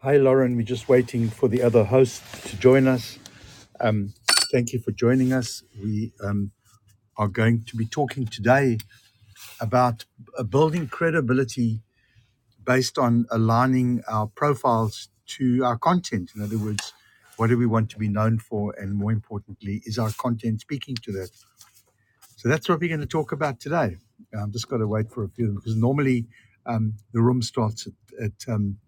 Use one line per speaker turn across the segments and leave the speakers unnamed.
Hi, Lauren. We're just waiting for the other host to join us. Um, thank you for joining us. We um, are going to be talking today about uh, building credibility based on aligning our profiles to our content. In other words, what do we want to be known for? And more importantly, is our content speaking to that? So that's what we're going to talk about today. I'm just going to wait for a few because normally um, the room starts at, at um,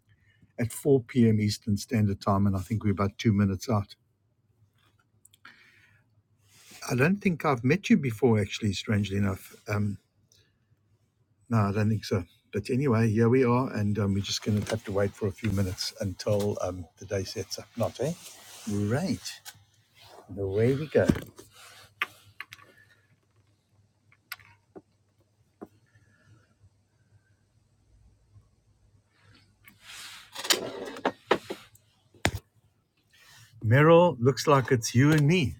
at 4 p.m. Eastern Standard Time, and I think we're about two minutes out. I don't think I've met you before, actually, strangely enough. Um, no, I don't think so. But anyway, here we are, and um, we're just going to have to wait for a few minutes until um, the day sets up. Not, eh? Right. And Away we go. Meryl, looks like it's you and me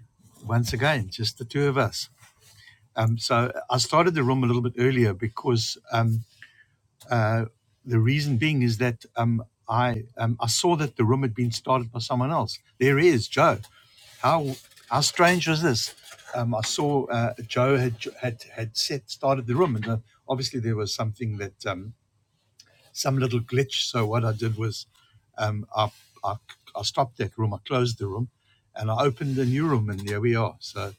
once again, just the two of us. Um, so I started the room a little bit earlier because um, uh, the reason being is that um, I um, I saw that the room had been started by someone else. There is Joe. how how strange was this? Um, I saw uh, Joe had had had set started the room, and uh, obviously there was something that um, some little glitch. So what I did was um, I, I I stopped that room, I closed the room, and I opened a new room, and there we are. So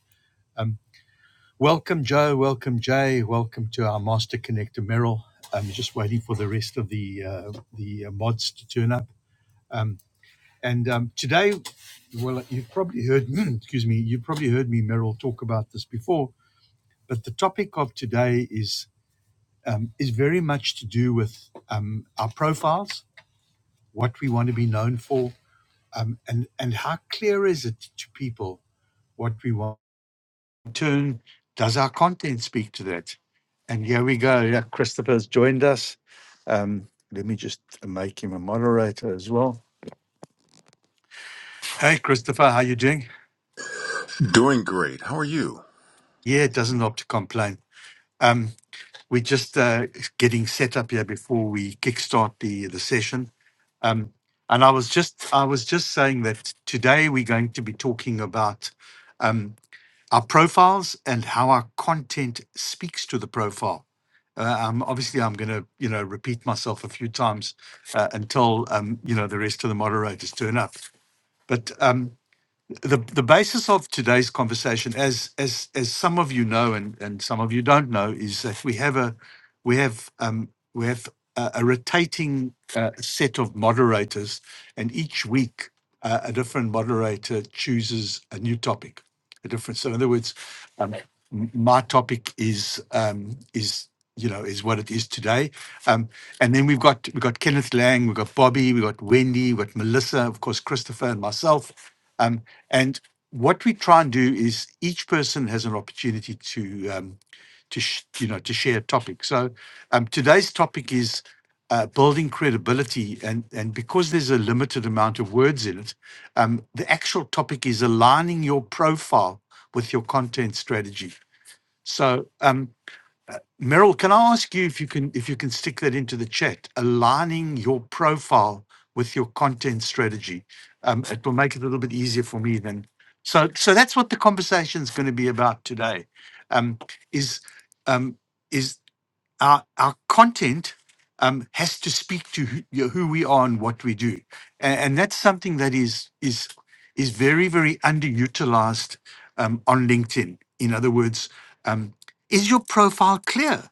um, welcome Joe, welcome Jay, welcome to our Master Connector Merrill. I'm just waiting for the rest of the uh, the uh, mods to turn up. Um, and um, today well, you've probably heard, excuse me, you've probably heard me, Meryl, talk about this before. But the topic of today is um, is very much to do with um, our profiles, what we want to be known for, um, and and how clear is it to people what we want. In turn, does our content speak to that? And here we go. Yeah, Christopher's joined us. Um, let me just make him a moderator as well. Hey, Christopher, how you doing?
Doing great. How are you?
Yeah, it doesn't help to complain. Um, We're just uh, getting set up here before we kickstart the the session. Um, and I was just I was just saying that today we're going to be talking about um, our profiles and how our content speaks to the profile. Uh, um, obviously, I'm going to you know repeat myself a few times uh, until um, you know the rest of the moderators turn up. But um, the the basis of today's conversation, as as as some of you know and and some of you don't know, is that we have a we have um we have a, a rotating uh, set of moderators, and each week uh, a different moderator chooses a new topic, a different. So in other words, um, m- my topic is um is you know is what it is today um and then we've got we've got kenneth lang we've got bobby we've got wendy we've got melissa of course christopher and myself Um, and what we try and do is each person has an opportunity to, um, to sh- you know, to share a topic. So um, today's topic is uh, building credibility, and and because there's a limited amount of words in it, um, the actual topic is aligning your profile with your content strategy. So. Um, Meryl, can I ask you if you can if you can stick that into the chat, aligning your profile with your content strategy? Um, it will make it a little bit easier for me then. So so that's what the conversation is going to be about today. Um, is um, is our our content um, has to speak to who, you know, who we are and what we do, and, and that's something that is is is very very underutilized um, on LinkedIn. In other words, um, is your profile clear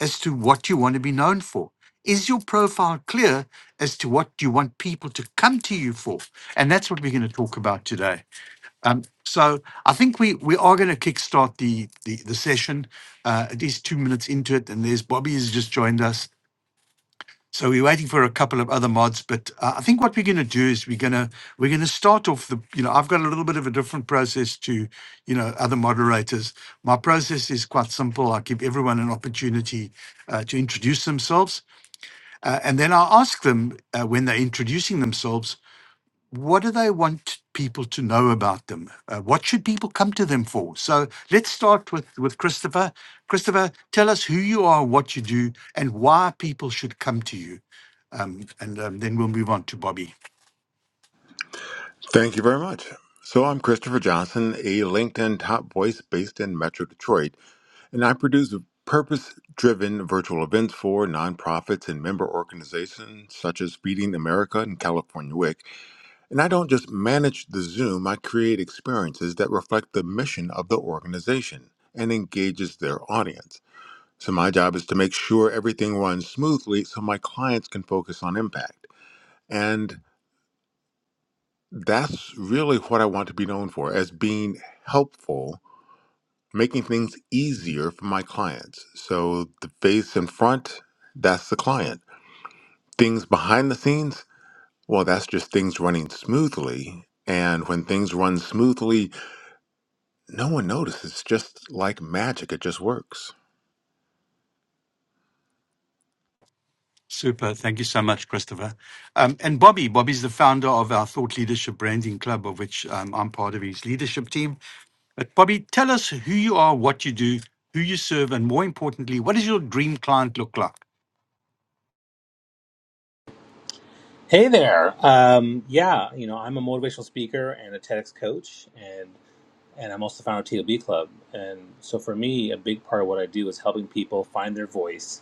as to what you want to be known for? Is your profile clear as to what you want people to come to you for? And that's what we're going to talk about today. Um, so I think we we are going to kickstart the the, the session. Uh, at least two minutes into it, and there's Bobby has just joined us. So we're waiting for a couple of other mods, but uh, I think what we're going to do is we're going to we're going to start off the you know I've got a little bit of a different process to you know other moderators. My process is quite simple. I give everyone an opportunity uh, to introduce themselves, uh, and then I ask them uh, when they're introducing themselves what do they want people to know about them? Uh, what should people come to them for? So let's start with with Christopher. Christopher, tell us who you are, what you do, and why people should come to you. Um, and um, then we'll move on to Bobby.
Thank you very much. So, I'm Christopher Johnson, a LinkedIn top voice based in Metro Detroit, and I produce purpose driven virtual events for nonprofits and member organizations such as Feeding America and California WIC. And I don't just manage the Zoom, I create experiences that reflect the mission of the organization and engages their audience. So, my job is to make sure everything runs smoothly so my clients can focus on impact. And that's really what I want to be known for as being helpful, making things easier for my clients. So the face in front, that's the client. Things behind the scenes, well, that's just things running smoothly. And when things run smoothly, no one notices. It's just like magic, it just works.
Super. Thank you so much, Christopher. Um, and Bobby, Bobby's the founder of our Thought Leadership Branding Club, of which um, I'm part of his leadership team. But Bobby, tell us who you are, what you do, who you serve, and more importantly, what does your dream client look like?
Hey there. Um, yeah, you know, I'm a motivational speaker and a TEDx coach, and and I'm also the founder of TLB Club. And so for me, a big part of what I do is helping people find their voice,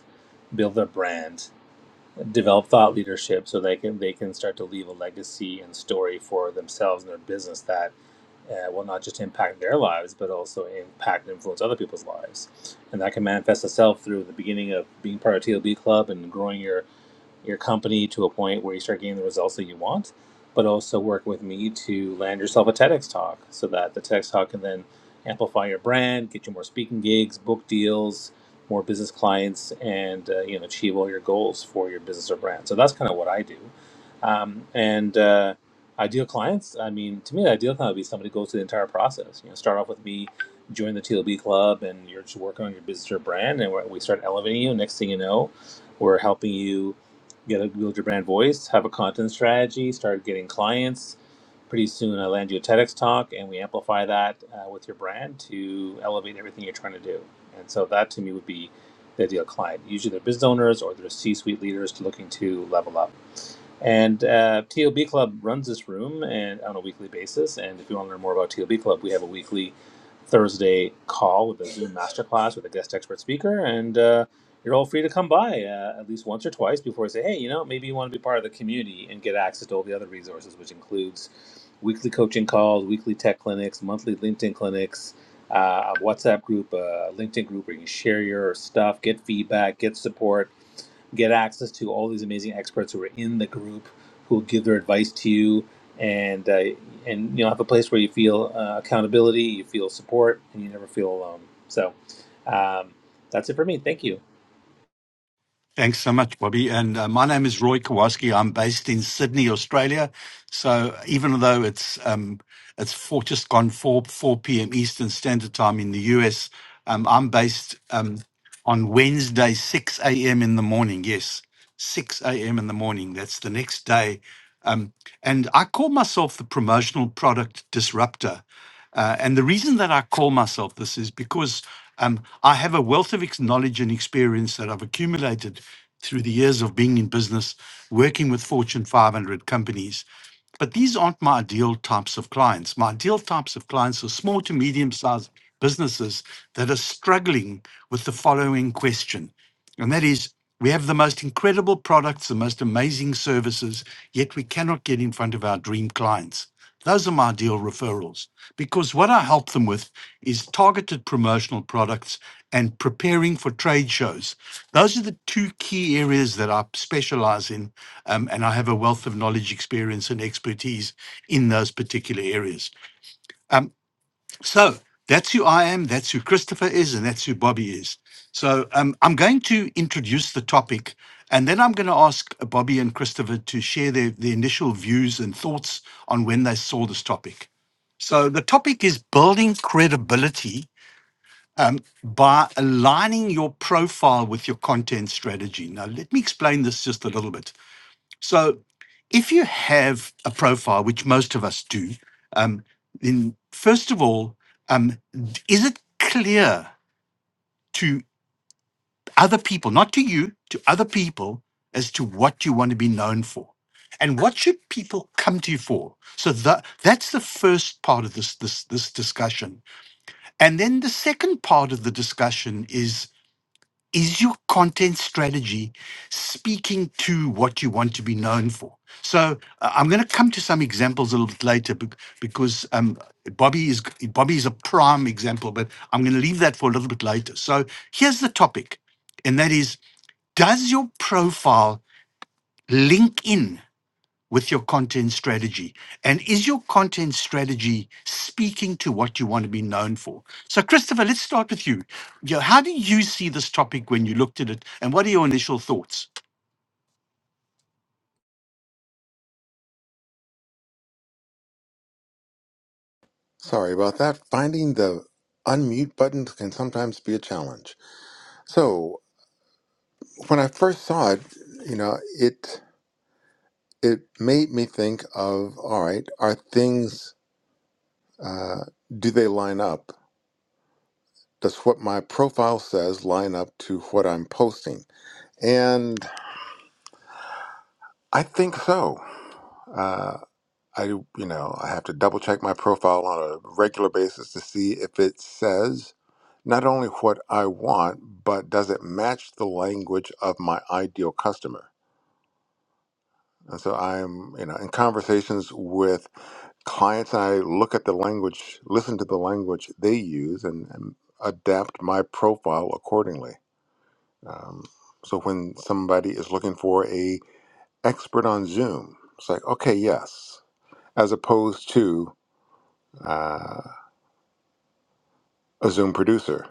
build their brand, develop thought leadership, so they can they can start to leave a legacy and story for themselves and their business that uh, will not just impact their lives, but also impact and influence other people's lives. And that can manifest itself through the beginning of being part of TLB Club and growing your your company to a point where you start getting the results that you want, but also work with me to land yourself a TEDx talk so that the TEDx talk can then amplify your brand, get you more speaking gigs, book deals, more business clients, and uh, you know achieve all your goals for your business or brand. So that's kind of what I do. Um, and uh, ideal clients, I mean, to me, the ideal client would be somebody who goes through the entire process. You know, start off with me, join the TLB club, and you're just working on your business or brand, and we we start elevating you. Next thing you know, we're helping you get a build your brand voice, have a content strategy, start getting clients. Pretty soon, I land you a TEDx talk, and we amplify that uh, with your brand to elevate everything you're trying to do. And so that to me would be the ideal client. Usually, they're business owners or they're C-suite leaders looking to level up. And uh, TLB Club runs this room and on a weekly basis. And if you want to learn more about TLB Club, we have a weekly Thursday call with a Zoom masterclass with a guest expert speaker. And uh, you're all free to come by uh, at least once or twice before I say, hey, you know, maybe you want to be part of the community and get access to all the other resources, which includes weekly coaching calls, weekly tech clinics, monthly LinkedIn clinics, uh, a WhatsApp group, a LinkedIn group where you can share your stuff, get feedback, get support get access to all these amazing experts who are in the group who will give their advice to you and uh, and you know have a place where you feel uh, accountability you feel support and you never feel alone so um, that's it for me thank you
Thanks so much, Bobby. And uh, my name is Roy Kowalski. I'm based in Sydney, Australia. So even though it's um, it's four, just gone four four p.m. Eastern Standard Time in the US, um, I'm based um, on Wednesday six a.m. in the morning. Yes, six a.m. in the morning. That's the next day. Um, and I call myself the promotional product disruptor uh, and the reason that I call myself this is because um, I have a wealth of ex- knowledge and experience that I've accumulated through the years of being in business, working with Fortune 500 companies. But these aren't my ideal types of clients. My ideal types of clients are small to medium sized businesses that are struggling with the following question. And that is we have the most incredible products, the most amazing services, yet we cannot get in front of our dream clients. Those are my ideal referrals because what I help them with is targeted promotional products and preparing for trade shows. Those are the two key areas that I specialize in, um, and I have a wealth of knowledge, experience, and expertise in those particular areas. Um, so that's who I am, that's who Christopher is, and that's who Bobby is. So um, I'm going to introduce the topic, and then I'm going to ask uh, Bobby and Christopher to share their, their initial views and thoughts on when they saw this topic. So the topic is building credibility um, by aligning your profile with your content strategy. Now, let me explain this just a little bit. So if you have a profile, which most of us do, um, then first of all, um, is it clear to other people, not to you, to other people, as to what you want to be known for? And what should people come to you for? So that that's the first part of this this this discussion. And then the second part of the discussion is is your content strategy speaking to what you want to be known for? So uh, I'm going to come to some examples a little bit later bec- because um, Bobby is g- Bobby is a prime example, but I'm going to leave that for a little bit later. So here's the topic, and that is: Does your profile link in? with your content strategy? And is your content strategy speaking to what you want to be known for? So, Christopher, let's start with you. You know, how do you see this topic when you looked at it? And what are your initial thoughts?
Sorry about that. Finding the unmute button can sometimes be a challenge. So when I first saw it, you know, it. it made me think of all right are things uh, do they line up does what my profile says line up to what i'm posting and i think so uh, i you know i have to double check my profile on a regular basis to see if it says not only what i want but does it match the language of my ideal customer and so i'm you know in conversations with clients I look at the language, listen to the language they use, and, and adapt my profile accordingly. Um, so when somebody is looking for a expert on Zoom, it's like okay, yes, as opposed to uh, a Zoom producer.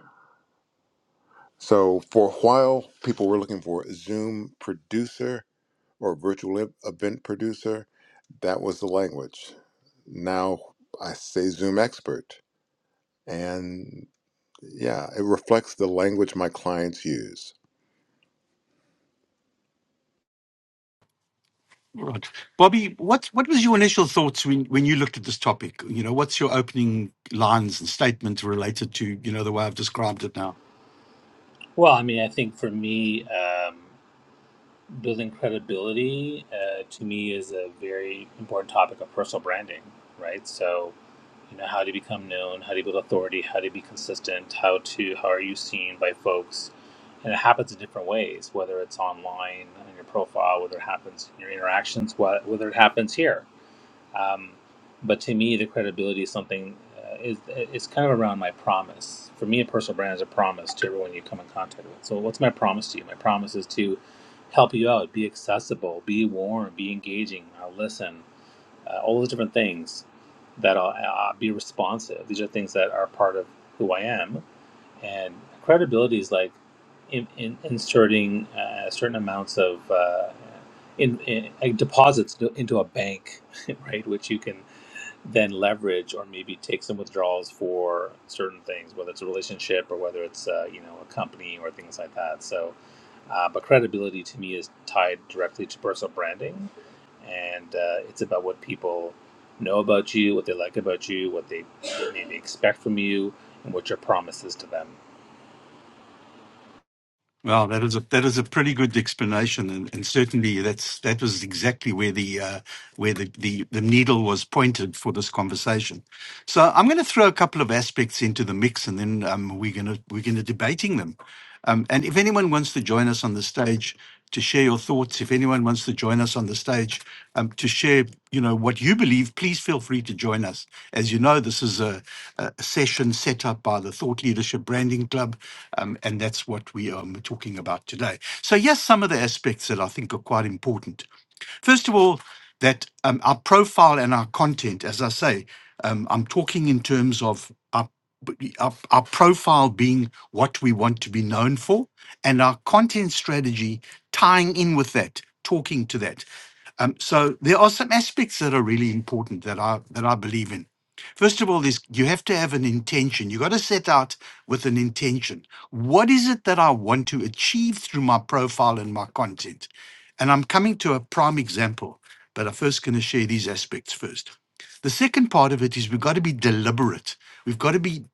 So for a while, people were looking for a Zoom producer or virtual ev- event producer. That was the language. Now I say Zoom expert, and Yeah, it reflects the language my clients use.
Right. Bobby, what, what was your initial thoughts when, when you looked at this topic? You know, what's your opening lines and statement related to, you know, the way I've described it now?
well i mean i think for me um, building credibility uh, to me is a very important topic of personal branding, right? So, you know, how do you become known? How do you build authority? How do you be consistent? How to how are you seen by folks? And it happens in different ways, whether it's online on your profile, whether it happens in your interactions, wh- whether it happens here. Um, but to me, the credibility is something uh, is it's kind of around my promise. For me, a personal brand is a promise to everyone you come in contact with. So, what's my promise to you? My promise is to help you out, be accessible, be warm, be engaging. I'll listen. Uh, all those different things that I'll, I'll be responsive. These are things that are part of who I am. And credibility is like in, in, inserting uh, certain amounts of uh, in, in, like deposits into a bank, right? Which you can then leverage or maybe take some withdrawals for certain things, whether it's a relationship or whether it's uh, you know a company or things like that. So, uh, but credibility to me is tied directly to personal branding, and uh, it's about what people know about you, what they like about you, what they maybe expect from you, and what your promise is to them.
Well, that is a that is a pretty good explanation, and, and certainly that's that was exactly where the uh, where the, the, the needle was pointed for this conversation. So I'm going to throw a couple of aspects into the mix, and then um, we're going to we're going to debating them. Um, and if anyone wants to join us on the stage to share your thoughts, if anyone wants to join us on the stage um, to share, you know, what you believe, please feel free to join us. As you know, this is a, a session set up by the Thought Leadership Branding Club, um, and that's what we are talking about today. So yes, some of the aspects that I think are quite important. First of all, that um, our profile and our content, as I say. Um, I'm talking in terms of our, our, our profile being what we want to be known for and our content strategy tying in with that, talking to that. Um, so there are some aspects that are really important that I that I believe in. First of all, is you have to have an intention. You got to set out with an intention. What is it that I want to achieve through my profile and my content? And I'm coming to a prime example, but I'm first going to share these aspects first. The second part of it is we've got to be deliberate. We've got to be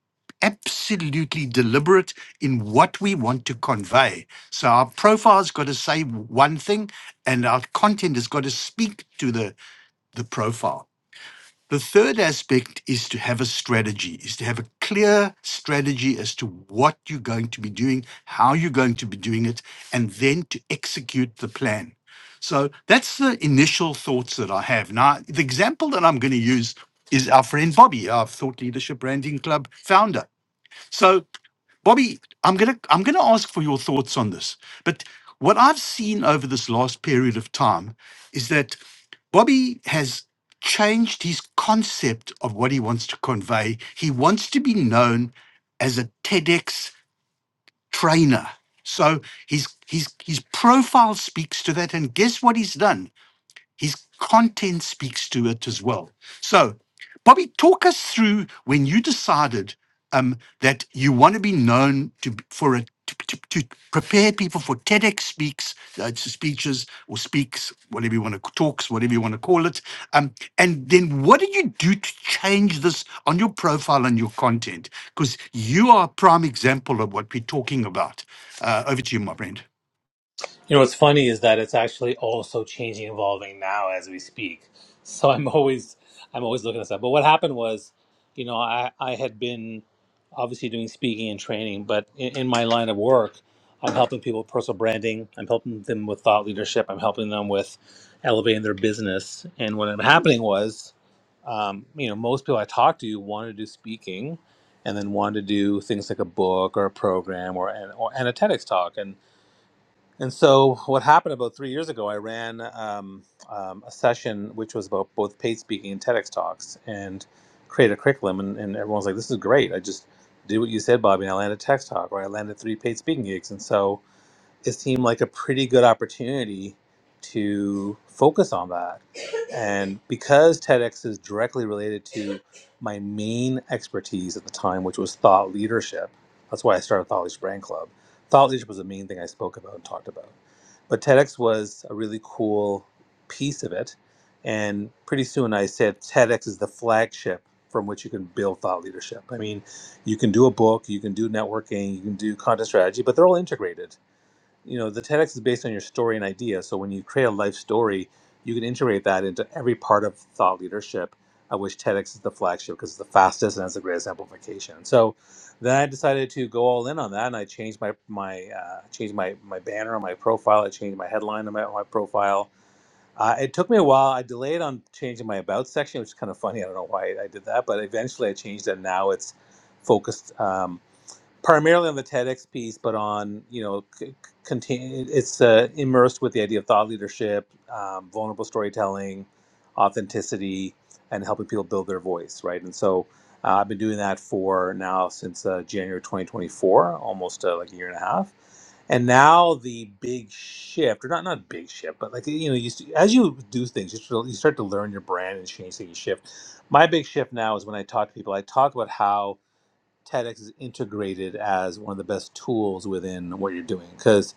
absolutely deliberate in what we want to convey. So our profile's got to say one thing, and our content has got to speak to the, the profile. The third aspect is to have a strategy, is to have a clear strategy as to what you're going to be doing, how you're going to be doing it, and then to execute the plan. So that's the initial thoughts that I have. Now, the example that I'm going to use is our friend Bobby, our Thought Leadership Branding Club founder. So Bobby, I'm gonna I'm gonna ask for your thoughts on this. But what I've seen over this last period of time is that Bobby has changed his concept of what he wants to convey. He wants to be known as a TEDx trainer. So his his his profile speaks to that. And guess what he's done? His content speaks to it as well. So, Bobby, talk us through when you decided um, that you want to be known to b- for a to, to, to prepare people for TEDx speaks uh, s- speeches or speaks whatever you want to talks whatever you want to call it um, and then what did you do to change this on your profile and your content because you are a prime example of what we're talking about uh, over to you my friend
You know, what's funny is that it's actually also changing, evolving now as we speak. So I'm always, I'm always looking at that. But what happened was, you know, I, I had been obviously doing speaking and training, but in, in my line of work, I'm helping people with personal branding. I'm helping them with thought leadership. I'm helping them with elevating their business. And what ended up happening was, um, you know, most people I talked to wanted to do speaking, and then wanted to do things like a book or a program or an, or and a TEDx talk. And so, what happened about three years ago, I ran um, um, a session which was about both paid speaking and TEDx talks and created a curriculum. And, and everyone was like, this is great. I just did what you said, Bobby, and I landed a TEDx talk or I landed three paid speaking gigs. And so, it seemed like a pretty good opportunity to focus on that. And because TEDx is directly related to my main expertise at the time, which was thought leadership, that's why I started Thought Leadership Brand Club. Thought leadership was the main thing I spoke about and talked about. But TEDx was a really cool piece of it. And pretty soon I said TEDx is the flagship from which you can build thought leadership. I mean, you can do a book, you can do networking, you can do content strategy, but they're all integrated you know the TEDx is based on your story and idea. So when you create a life story, you can integrate that into every part of thought leadership, of which TEDx is the flagship because it's the fastest and has the greatest amplification. So then I decided to go all in on that, and I changed my my uh, changed my my banner on my profile. I changed my headline on my, on my profile. Uh, it took me a while. I delayed on changing my about section, which is kind of funny. I don't know why I did that, but eventually I changed it. Now it's focused. Um, primarily on the TEDx piece, but on you know, c- continue. It's uh, immersed with the idea of thought leadership, um, vulnerable storytelling, authenticity, and helping people build their voice, right? And so uh, I've been doing that for now since uh, January 2024, almost uh, like a year and a half. And now the big shift, or not not big shift, but like you know, you, s- as you do things, you start you start to learn your brand and change things. You shift. My big shift now is when I talk to people, I talk about how TEDx is integrated as one of the best tools within what you're doing. Because,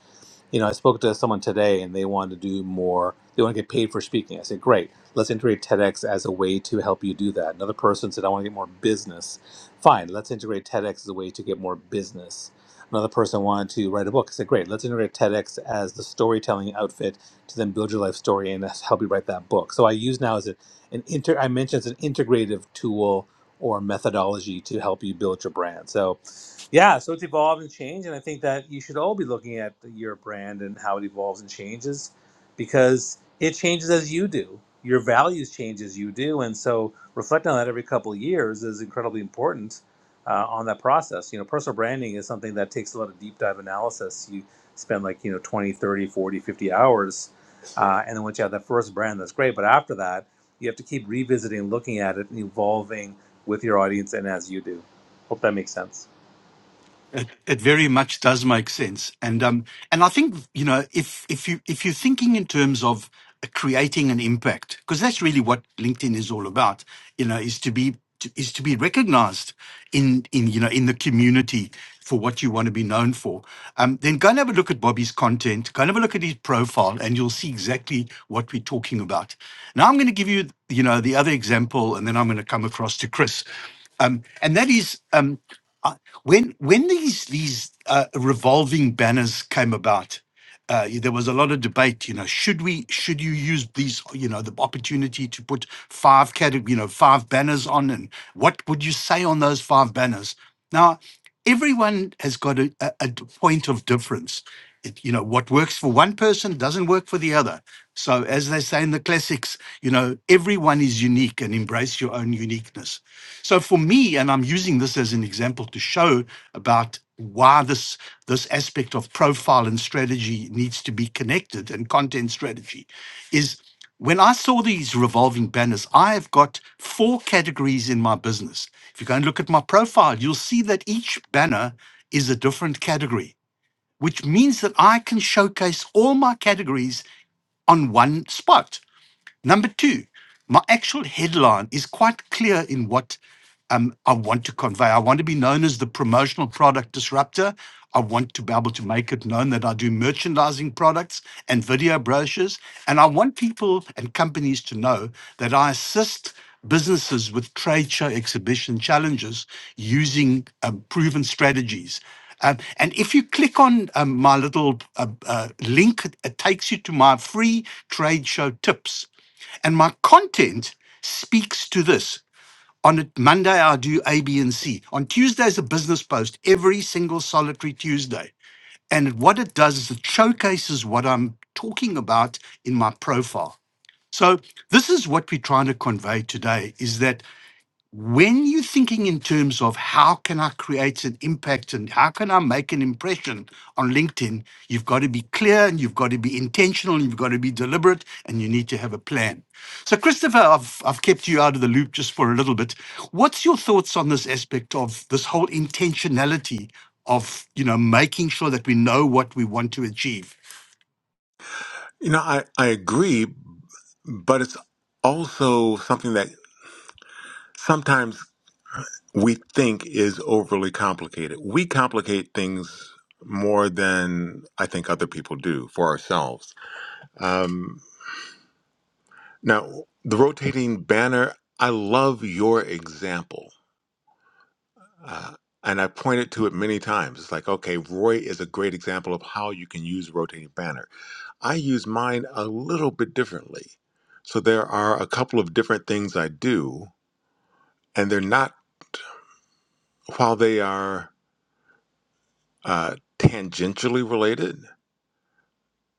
you know, I spoke to someone today and they want to do more, they want to get paid for speaking. I said, great, let's integrate TEDx as a way to help you do that. Another person said, I want to get more business. Fine, let's integrate TEDx as a way to get more business. Another person wanted to write a book. I said, great, let's integrate TEDx as the storytelling outfit to then build your life story and help you write that book. So I use now as a, an inter, I mentioned it's an integrative tool or methodology to help you build your brand. So, yeah, so it's evolved and changed, and I think that you should all be looking at your brand and how it evolves and changes, because it changes as you do. Your values change as you do, and so reflecting on that every couple of years is incredibly important uh, on that process. You know, personal branding is something that takes a lot of deep dive analysis. You spend like you know 20, 30, 40, 50 hours uh, and then once you have that first brand, that's great. But after that, you have to keep revisiting, looking at it, and evolving with your audience and as you do. Hope that makes sense.
It, it very much does make sense, and um, and I think you know if if you if you're thinking in terms of creating an impact, because that's really what LinkedIn is all about. You know, is to be to, is to be recognised in in you know in the community for what you want to be known for. Um, then go and have a look at Bobby's content. Go and have a look at his profile, and you'll see exactly what we're talking about. Now I'm going to give you you know the other example, and then I'm going to come across to Chris, um, and that is um when when these these uh, revolving banners came about uh, there was a lot of debate you know should we should you use these you know the opportunity to put five category you know five banners on and what would you say on those five banners now everyone has got a a, a point of difference it, you know what works for one person doesn't work for the other so as they say in the classics you know everyone is unique and embrace your own uniqueness so for me, and I'm using this as an example to show about why this this aspect of profile and strategy needs to be connected and content strategy is when I saw these revolving banners, I have got four categories in my business. If you go and look at my profile, you'll see that each banner is a different category, which means that I can showcase all my categories on one spot. Number two, my actual headline is quite clear in what um, I want to convey. I want to be known as the promotional product disruptor. I want to be able to make it known that I do merchandising products and video brochures. And I want people and companies to know that I assist businesses with trade show exhibition challenges using um, proven strategies. Um, and if you click on um, my little uh, uh, link, it takes you to my free trade show tips and my content speaks to this. On a Monday, I do A, B, and C. On Tuesdays, a business post every single solitary Tuesday. And what it does is it showcases what I'm talking about in my profile. So this is what we're trying to convey today: is that when you're thinking in terms of how can I create an impact and how can I make an impression on LinkedIn, you've got to be clear and you've got to be intentional and you've got to be deliberate and you need to have a plan. So, Christopher, I've, I've kept you out of the loop just for a little bit. What's your thoughts on this aspect of this whole intentionality of you know making sure that we know what we want to achieve?
You know, I, I agree, but it's also something that sometimes we think is overly complicated. We complicate things more than I think other people do for ourselves. Um, now, the rotating banner, I love your example. Uh, and I pointed to it many times. It's like, okay, Roy is a great example of how you can use rotating banner I use mine a little bit differently. So there are a couple of different things I do, and they're not, while they are uh, tangentially related,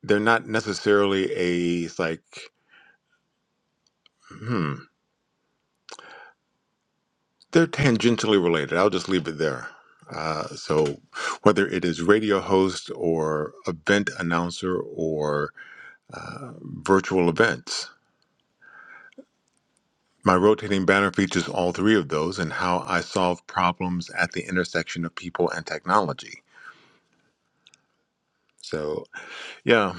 they're not necessarily a, it's like, hmm, they're tangentially related. I'll just leave it there. Uh, so whether it is radio host or event announcer or virtual events, my rotating banner features all three of those and how I solve problems at the intersection of people and technology. So, yeah,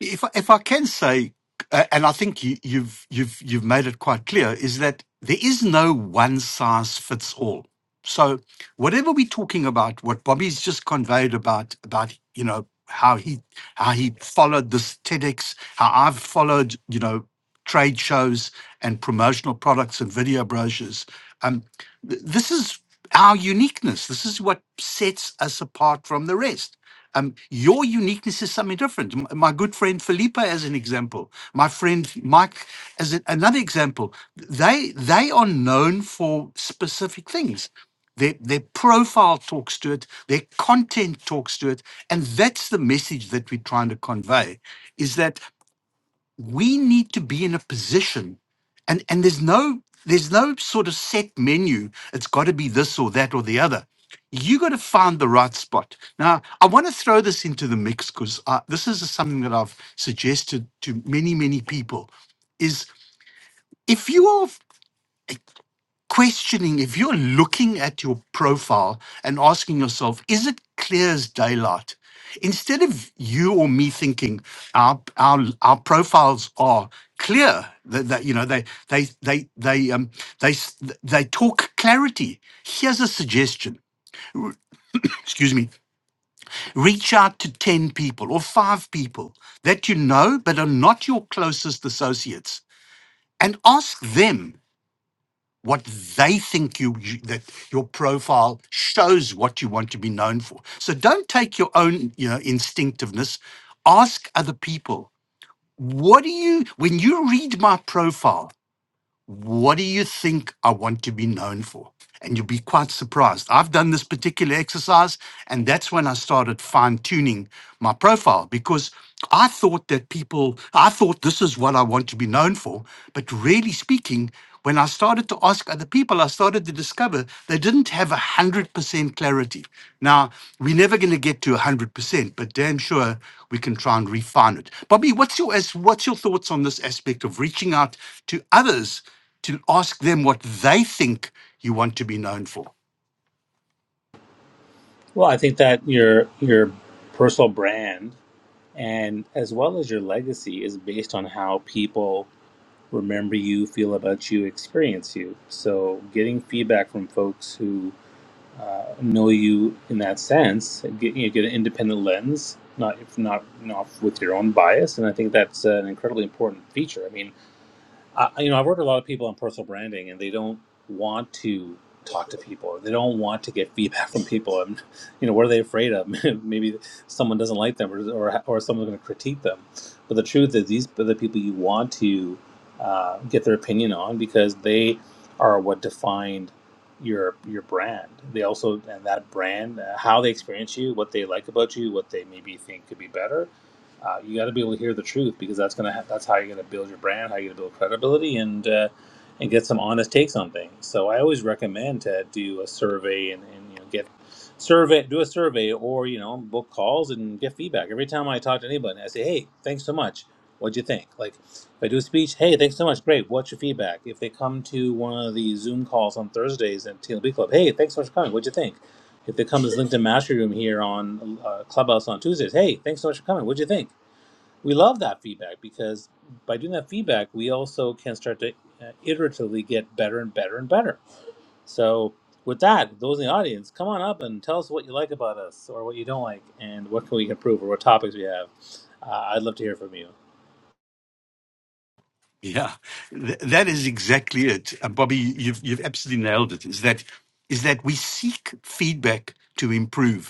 if I- if I can say, uh, and I think you, you've you've you've made it quite clear, is that there is no one size fits all. So whatever we're talking about, what Bobby's just conveyed about about you know how he how he followed this TEDx, how I've followed you know trade shows and promotional products and video brochures. Um, th- this is our uniqueness. This is what sets us apart from the rest um, your uniqueness is something different. M- My good friend Felipe, as an example, my friend Mike, as a- another example, they they are known for specific things. Their, their profile talks to it, their content talks to it, and that's the message that we're trying to convey: is that we need to be in a position and and there's no there's no sort of set menu it's got to be this or that or the other you got to find the right spot now i want to throw this into the mix because this is something that i've suggested to many many people is if you are questioning if you're looking at your profile and asking yourself, is it clear as daylight? Instead of you or me thinking our our our profiles are clear, that, that you know they they they they um they s- they talk clarity. Here's a suggestion. Excuse me. Reach out to ten people or five people that you know but are not your closest associates, and ask them what they think you, you that your profile shows what you want to be known for. So don't take your own you know instinctiveness. Ask other people. What do you when you read my profile? What do you think I want to be known for? and you'll be quite surprised. I've done this particular exercise, and that's when I started fine tuning my profile because I thought that people, I thought this is what I want to be known for. But really speaking, when I started to ask other people, I started to discover they didn't have 100% clarity. Now, we're never going to get to 100%, but damn sure we can try and refine it. Bobby, what's your, as- what's your thoughts on this aspect of reaching out to others? to ask them what they think you want to be known for.
Well, I think that your your personal brand and as well as your legacy is based on how people remember you, feel about you, experience you. So, getting feedback from folks who uh, know you in that sense, get, you know, get an independent lens, not if not not with your own bias, and I think that's an incredibly important feature. I mean, I, you know, I've worked with a lot of people on personal branding, and they don't want to talk to people. They don't want to get feedback from people. And you know, what are they afraid of? Maybe someone doesn't like them, or or, or someone's going to critique them. But the truth is, these are the people you want to uh, get their opinion on because they are what defined your your brand. They also and that brand, uh, how they experience you, what they like about you, what they maybe think could be better uh, you got to be able to hear the truth because that's gonna ha- that's how you're gonna build your brand, how you're gonna build credibility, and uh, and get some honest takes on things. So I always recommend to do a survey and, and you know get survey do a survey or you know book calls and get feedback. Every time I talk to anybody, I say, hey, thanks so much. What'd you think? Like if I do a speech, hey, thanks so much, great. What's your feedback? If they come to one of the Zoom calls on Thursdays at TLB Club, hey, thanks so much for coming. What'd you think? If they come to this LinkedIn Mastery Room here on uh, Clubhouse on Tuesdays, hey, thanks so much for coming. What'd you think? we love that feedback because by doing that feedback, we also can start to uh, iteratively get better and better and better. So, with that, those in the audience, come on up and tell us what you like about us or what you don't like and what can we improve or what topics we have. Uh, I'd love to hear from you.
Yeah, Th- that is exactly it, Uh, Bobby. You've you've absolutely nailed it. Is that is that we seek feedback to improve.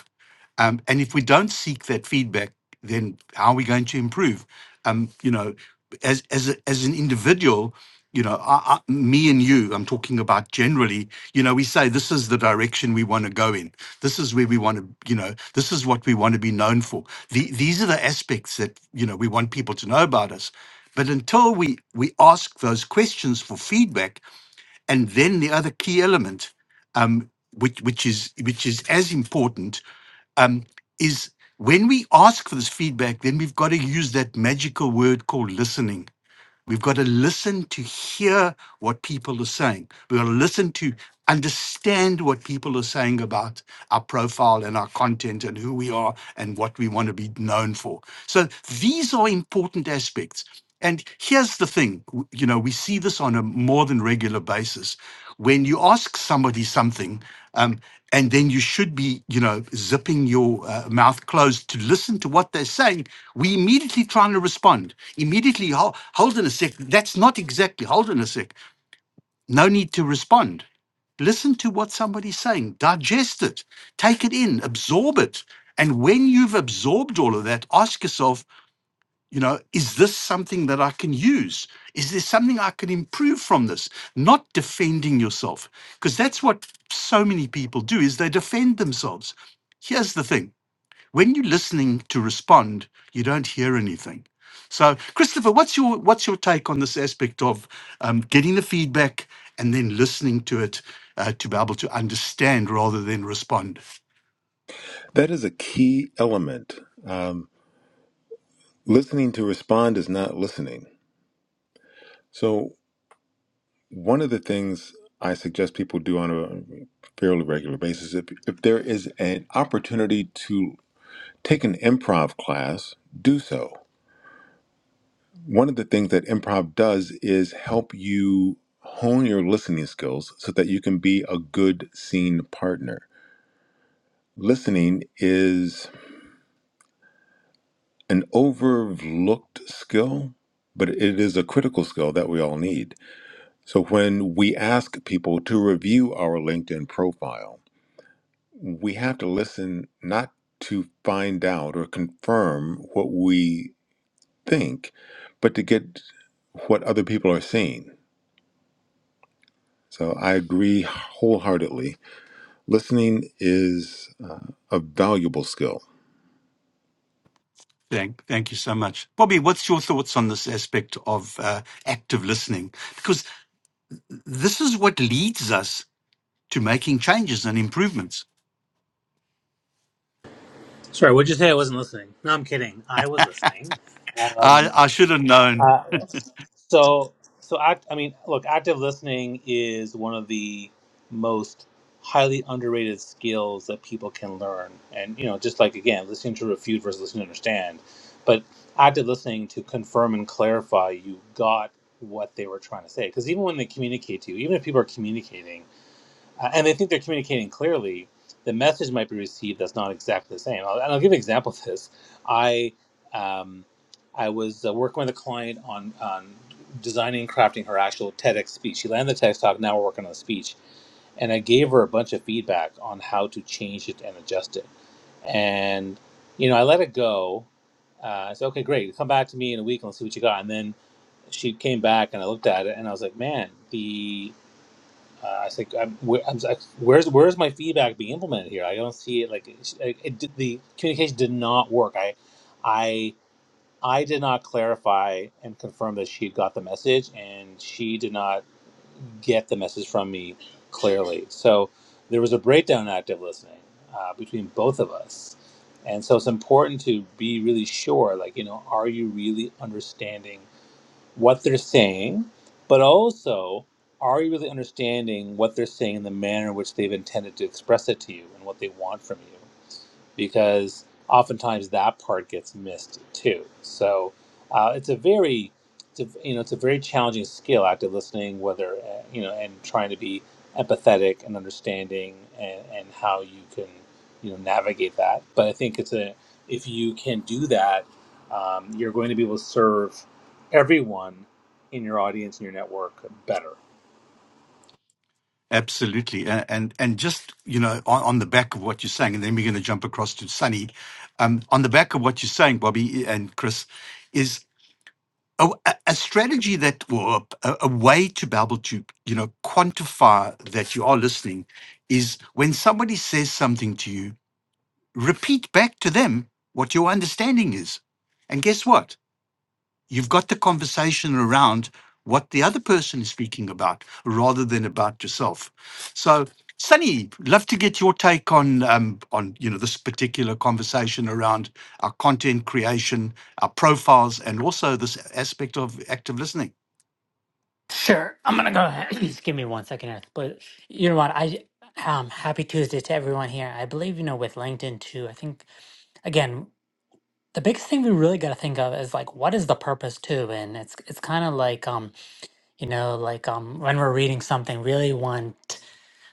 Um, and if we don't seek that feedback, then how are we going to improve? Um, you know, as as a, as an individual, you know, I, I, me and you, I'm talking about generally. You know, we say this is the direction we want to go in. This is where we want to, you know, this is what we want to be known for. The, these are the aspects that you know we want people to know about us. But until we we ask those questions for feedback, and then the other key element, um, which which is which is as important um, is when we ask for this feedback, then we've got to use that magical word called listening. We've got to listen to hear what people are saying. We've got to listen to understand what people are saying about our profile and our content and who we are and what we want to be known for. So these are important aspects. And here's the thing w- you know, we see this on a more than regular basis. When you ask somebody something, um, and then you should be, you know, zipping your uh, mouth closed to listen to what they're saying. We immediately trying to respond. Immediately, "Ho- hold on a sec. That's not exactly, hold on a sec. No need to respond. Listen to what somebody's saying, digest it, take it in, absorb it. And when you've absorbed all of that, ask yourself, you know, is this something that I can use? Is there something I can improve from this? Not defending yourself, because that's what so many people do is they defend themselves. Here's the thing when you're listening to respond, you don't hear anything. So, Christopher, what's your what's your take on this aspect of um, getting the feedback and then listening to it uh, to be able to understand rather than respond?
that is a key element. Um, listening to respond is not listening. So, one of the things I suggest people do on a fairly regular basis, if, if there is an opportunity to take an improv class, do so. One of the things that improv does is help you hone your listening skills so that you can be a good scene partner. Listening is an overlooked skill, but it is a critical skill that we all need. So when we ask people to review our LinkedIn profile, we have to listen not to find out or confirm what we think, but to get what other people are seeing. So I agree wholeheartedly. Listening is uh, a valuable skill.
Thank, thank you so much, Bobby. What's your thoughts on this aspect of uh, active listening? Because this is what leads us to making changes and improvements.
Sorry, what'd you say? I wasn't listening. No, I'm kidding. I was listening.
I,
Um,
I should have known.
Uh, so, so act. I mean, look, active listening is one of the most highly underrated skills that people can learn. And you know, just like again, listening to refute versus listening to understand, but active listening to confirm and clarify you got what they were trying to say. Because even when they communicate to you, even if people are communicating. Uh, and they think they're communicating clearly. The message might be received that's not exactly the same. I'll, and I'll give an example of this. I um, I was uh, working with a client on on designing and crafting her actual TEDx speech. She landed the TEDx talk. Now we're working on the speech, and I gave her a bunch of feedback on how to change it and adjust it. And you know, I let it go. Uh, I said, "Okay, great. Come back to me in a week and let's see what you got." And then she came back, and I looked at it, and I was like, "Man, the." Uh, I think I'm, where, I'm like, where's where's my feedback being implemented here? I don't see it. Like it, it, did- the communication did not work. I, I, I did not clarify and confirm that she got the message, and she did not get the message from me clearly. So there was a breakdown in active listening uh, between both of us, and so it's important to be really sure. Like you know, are you really understanding? what they're saying, but also are you really understanding what they're saying in the manner in which they've intended to express it to you and what they want from you? because oftentimes that part gets missed too. So uh, it's a very, it's a, you know, it's a very challenging skill, active listening, whether uh, you know, and trying to be empathetic and understanding, and, and how you can, you know, navigate that. But I think it's a, if you can do that, um, you're going to be able to serve everyone in your audience and your network better.
Absolutely. A- And and just, you know, on, on the back of what you're saying, and then we're going to jump across to Sunny. Um, on the back of what you're saying, Bobby eh, and Chris, is a, a a strategy that, or a, a way to be able to, you know, quantify that you are listening is when somebody says something to you, repeat back to them what your understanding is. And guess what? you've got the conversation around what the other person is speaking about rather than about yourself. So, Sunny, love to get your take on um, on you know this particular conversation around our content creation, our profiles, and also this aspect of active listening.
Sure. I'm gonna go ahead. Just give me one second here. But you know what? I um happy Tuesday to everyone here. I believe, you know, with LinkedIn too, I think again, the biggest thing we really gotta think of is like what is the purpose too? And it's it's kinda like um, you know, like um when we're reading something, really want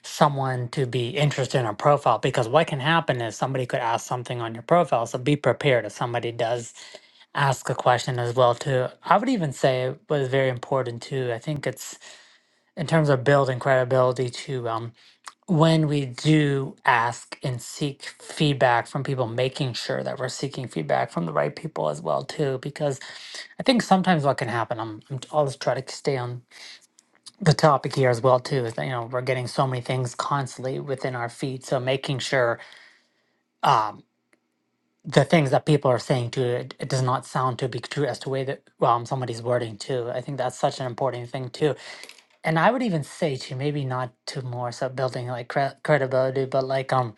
someone to be interested in a profile because what can happen is somebody could ask something on your profile. So be prepared if somebody does ask a question as well too. I would even say it was very important too. I think it's in terms of building credibility to um, when we do ask and seek feedback from people making sure that we're seeking feedback from the right people as well too because i think sometimes what can happen i'm, I'm always trying to stay on the topic here as well too is that you know we're getting so many things constantly within our feed so making sure um, the things that people are saying to it, it does not sound to be true as to way that well somebody's wording too i think that's such an important thing too and I would even say to maybe not to more so building like cre- credibility, but like um,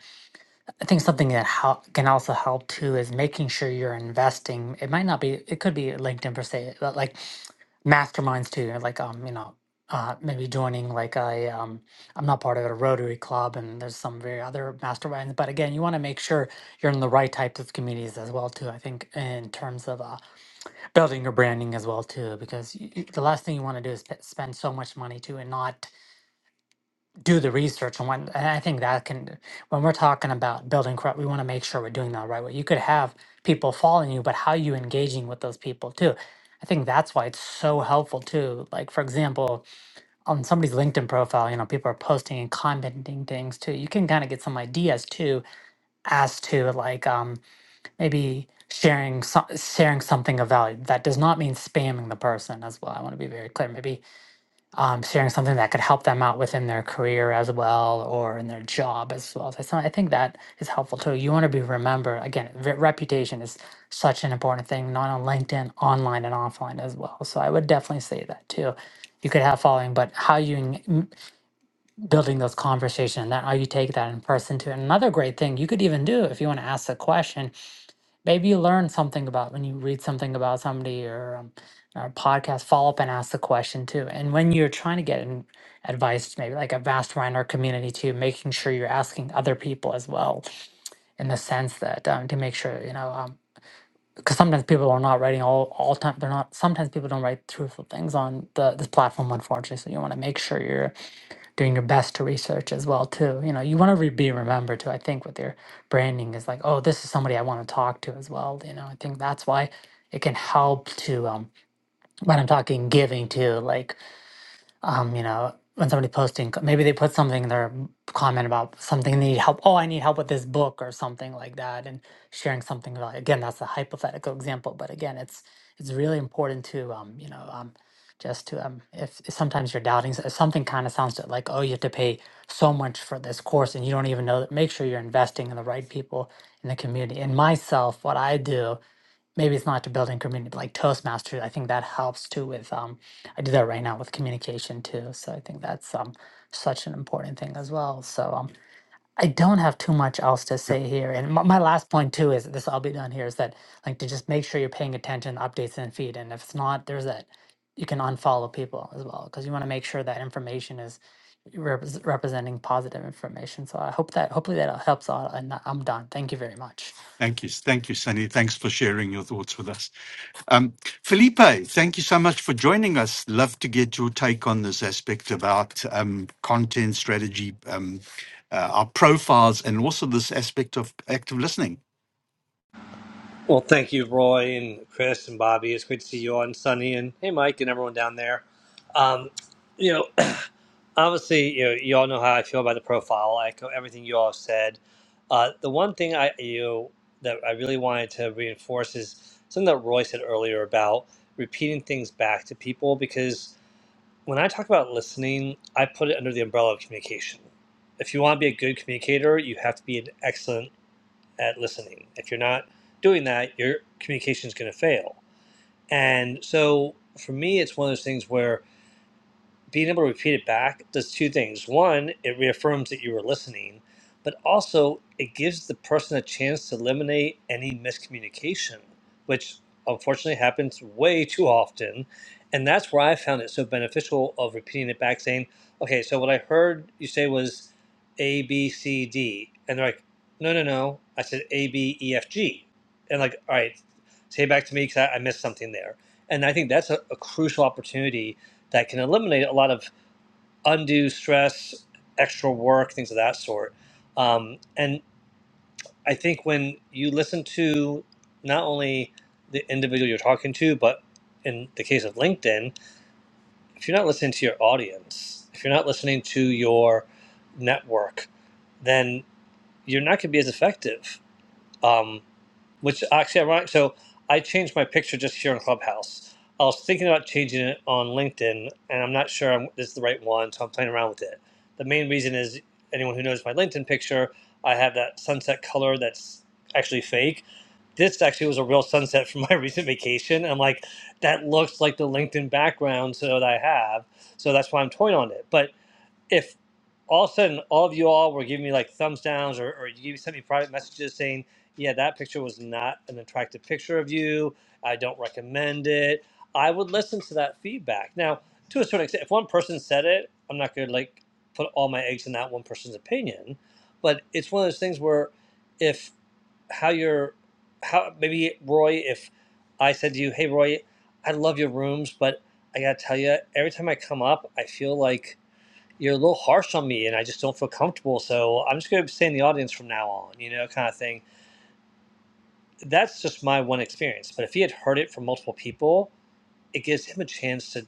I think something that hel- can also help too is making sure you're investing. It might not be, it could be LinkedIn per se, but like masterminds too, or like um, you know, uh, maybe joining like a um, I'm not part of a Rotary Club, and there's some very other masterminds, but again, you want to make sure you're in the right types of communities as well too. I think in terms of uh, building your branding as well too, because y y- the last thing you want to do is sp- spend so much money too and not do the research and when and I think that can when we're talking about building corrupt, we want to make sure we're doing that right way. You could have people following you, but how you engaging with those people too. I think that's why it's so helpful too. Like for example, on somebody's LinkedIn profile, you know, people are posting and commenting things too. You can kind of get some ideas too as to like um maybe sharing so- sharing something of value. That does not mean spamming the person as well. I want to be very clear. Maybe um, sharing something that could help them out within their career as well or in their job as well. So it's not- I think that is helpful too. You want to be remembered again. Re- reputation is such an important thing, not on LinkedIn, online and offline as well. So I would definitely say that too. You could have following, but how you en- m- building those conversation that how you take that in person to another great thing you could even do if you want to ask a question maybe you learn something about when you read something about somebody or, um, or a podcast follow up and ask the question too and when you're trying to get an advice maybe like a vast or community too making sure you're asking other people as well in the sense that um, to make sure you know um, because sometimes people are not writing all all time they're not sometimes people don't write truthful things on the this platform unfortunately so you want to make sure you're doing your best to research as well too. You know, you want to re- be remembered too. I think with your branding is like, oh, this is somebody I want to talk to as well. You know, I think that's why it can help to um, when I'm talking giving to like um, you know, when somebody posting, maybe they put something in their comment about something they need help. Oh, I need help with this book or something like that, and sharing something about. it. Again, that's a hypothetical example, but again, it's it's really important to um, you know, um, just to um, if, if sometimes you're doubting s- if something, kind of sounds to- like oh, you have to pay so much for this course, and you don't even know that. Make sure you're investing in the right people in the community. And myself, what I do maybe it's not to building community, but like Toastmasters, I think that helps too with um I do that right now with communication too. So I think that's um such an important thing as well. So um I don't have too much else to say here. And my, my last point too is this I'll be done here is that like to just make sure you're paying attention to updates and feed. And if it's not, there's that you can unfollow people as well because you want to make sure that information is repres representing positive information. So I hope that hopefully that helps out. And I'm done. Thank you very much.
Thank you, thank you, Sunny. Thanks for sharing your thoughts with us. Um, Felipe, thank you so much for joining us. Love to get your take on this aspect about um, content strategy, um, uh, our profiles, and also this aspect of active listening.
Well, thank you, Roy and Chris and Bobby. It's great to see you on Sunny and hey, Mike and everyone down there. Um, you know, obviously, you know, you all know how I feel about the profile. I echo everything you all have said. Uh, the one thing I you know, that I really wanted to reinforce is something that Roy said earlier about repeating things back to people because when I talk about listening, I put it under the umbrella of communication. If you want to be a good communicator, you have to be an excellent at listening. If you're not doing that, your communication is going to fail. And so for me, it's one of those things where being able to repeat it back does two things. One, it reaffirms that you were listening, but also it gives the person a chance to eliminate any miscommunication, which unfortunately happens way too often. And that's where I found it so beneficial of repeating it back, saying, okay, so what I heard you say was A, B, C, D. And they're like, no, no, no. I said A, B, E, F, G. And like, all right, say it back to me because I, I missed something there. And I think that's a, a crucial opportunity that can eliminate a lot of undue stress, extra work, things of that sort. Um, and I think when you listen to not only the individual you're talking to, but in the case of LinkedIn, if you're not listening to your audience, if you're not listening to your network, then you're not going to be as effective. Um, which is actually ironic. So I changed my picture just here in Clubhouse. I was thinking about changing it on LinkedIn, and I'm not sure I'm, this is the right one, so I'm playing around with it. The main reason is anyone who knows my LinkedIn picture, I have that sunset color that's actually fake. This actually was a real sunset from my recent vacation. I'm like, that looks like the LinkedIn background so that I have, so that's why I'm toying on it. But if all of a sudden all of you all were giving me like thumbs downs or, or you sent me private messages saying, yeah, that picture was not an attractive picture of you. I don't recommend it. I would listen to that feedback. Now, to a certain extent, if one person said it, I'm not going to like put all my eggs in that one person's opinion. But it's one of those things where if how you're, how maybe Roy, if I said to you, hey, Roy, I love your rooms, but I got to tell you, every time I come up, I feel like you're a little harsh on me and I just don't feel comfortable. So I'm just going to stay in the audience from now on, you know, kind of thing. That's just my one experience. But if he had heard it from multiple people, it gives him a chance to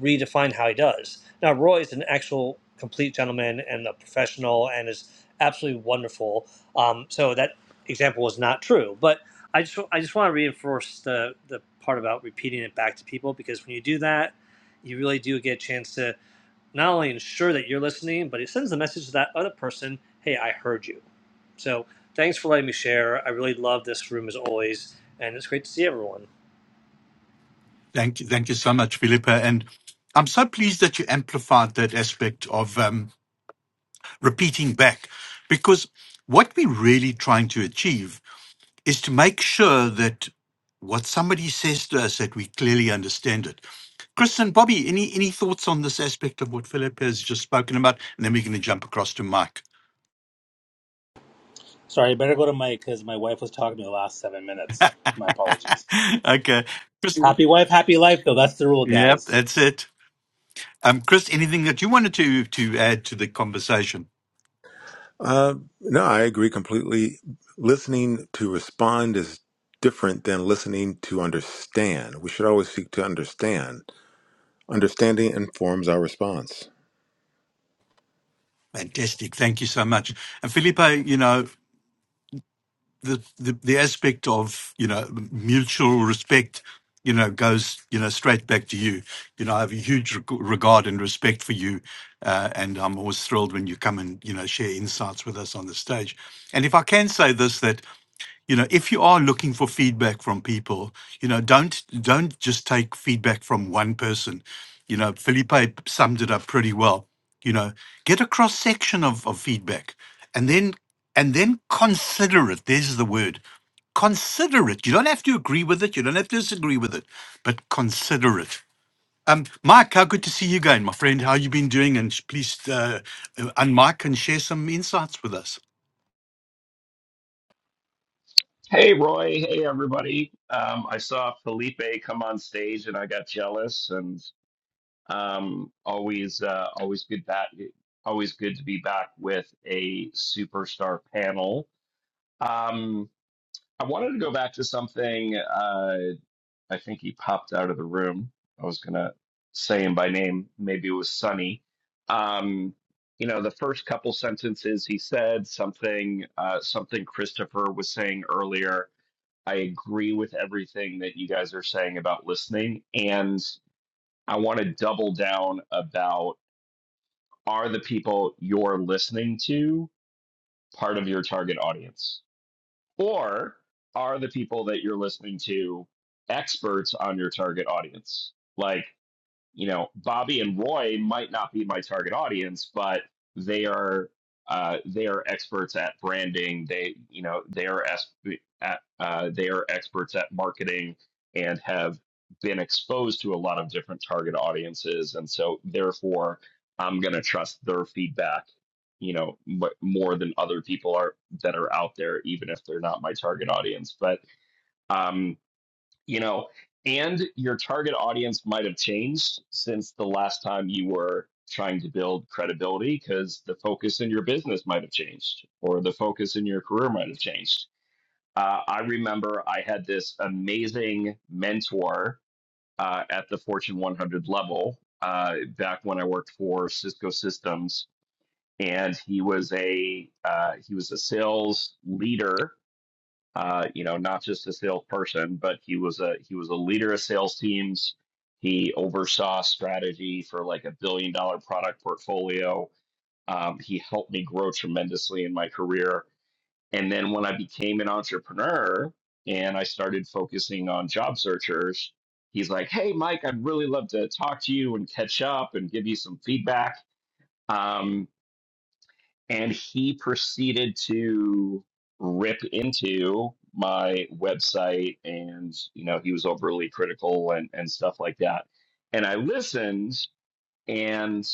redefine how he does. Now, Roy is an actual complete gentleman and a professional and is absolutely wonderful. Um, so that example was not true. But I just, I just want to reinforce the, the part about repeating it back to people because when you do that, you really do get a chance to not only ensure that you're listening, but it sends the message to that other person, hey, I heard you. So thanks for letting me share. I really love this room as always, and it's great to see everyone.
Thank you, thank you so much, Felipe. And I'm so pleased that you amplified that aspect of um, repeating back, because what we're really trying to achieve is to make sure that what somebody says to us that we clearly understand it. Chris and Bobby, any any thoughts on this aspect of what Philip has just spoken about? And then we're going to jump across to Mike.
Sorry, I better go to Mike because my wife was talking to me the last seven minutes. My apologies.
okay, Chris. Mhm.
Happy wife, happy life, though. That's the rule,
Yep,
guys.
that's it. Um, Chris, anything that you wanted to to add to the conversation?
Uh, no, I agree completely. Listening to respond is different than listening to understand. We should always seek to understand. Understanding informs our response.
Fantastic. Thank you so much. And Felipe, you know, the, the the aspect of you know mutual respect you know goes you know straight back to you you know i have a huge reg- regard and respect for you uh, and i'm always thrilled when you come and you know share insights with us on the stage and if i can say this that you know if you are looking for feedback from people you know don't don't just take feedback from one person you know felipe summed it up pretty well you know get a cross section of, of feedback and then and then consider it there's the word consider it you don't have to agree with it you don't have to disagree with it but consider it um, Mike, how good to see you again, my friend. How you been doing? And sh- please, uh, uh, unmic and share some insights with us.
Hey Roy, hey everybody. Um, I saw Felipe come on stage and I got jealous and um, always uh, always good back always good to be back with a superstar panel. Um, I wanted to go back to something uh, I think he popped out of the room. I was gonna say him by name, maybe it was Sunny. Um, you know, the first couple sentences he said something uh, something Christopher was saying earlier I agree with everything that you guys are saying about listening. And I want to double down about are the people you're listening to part of your target audience? Or are the people that you're listening to experts on your target audience? Like, you know, Bobby and Roy might not be my target audience, but they are uh, they are experts at branding. They you know they are es- at, uh, they are experts at marketing and have been exposed to a lot of different target audiences, and so therefore I'm going to trust their feedback. You know, m- more than other people are that are out there, even if they're not my target audience. But um, you know, and your target audience might have changed since the last time you were trying to build credibility because the focus in your business might have changed or the focus in your career might have changed. Uh, I remember I had this amazing mentor uh, at the Fortune 100 level uh, back when I worked for Cisco Systems, and he was a uh, he was a sales leader uh, you know, not just a salesperson, but he was a he was a leader of sales teams. He oversaw strategy for like a billion dollar product portfolio. Um, he helped me grow tremendously in my career. And then when I became an entrepreneur and I started focusing on job searchers, he's like, "Hey, Mike, I'd really love to talk to you and catch up and give you some feedback." Um, and he proceeded to rip into my website and you know he was overly critical and and stuff like that and i listened and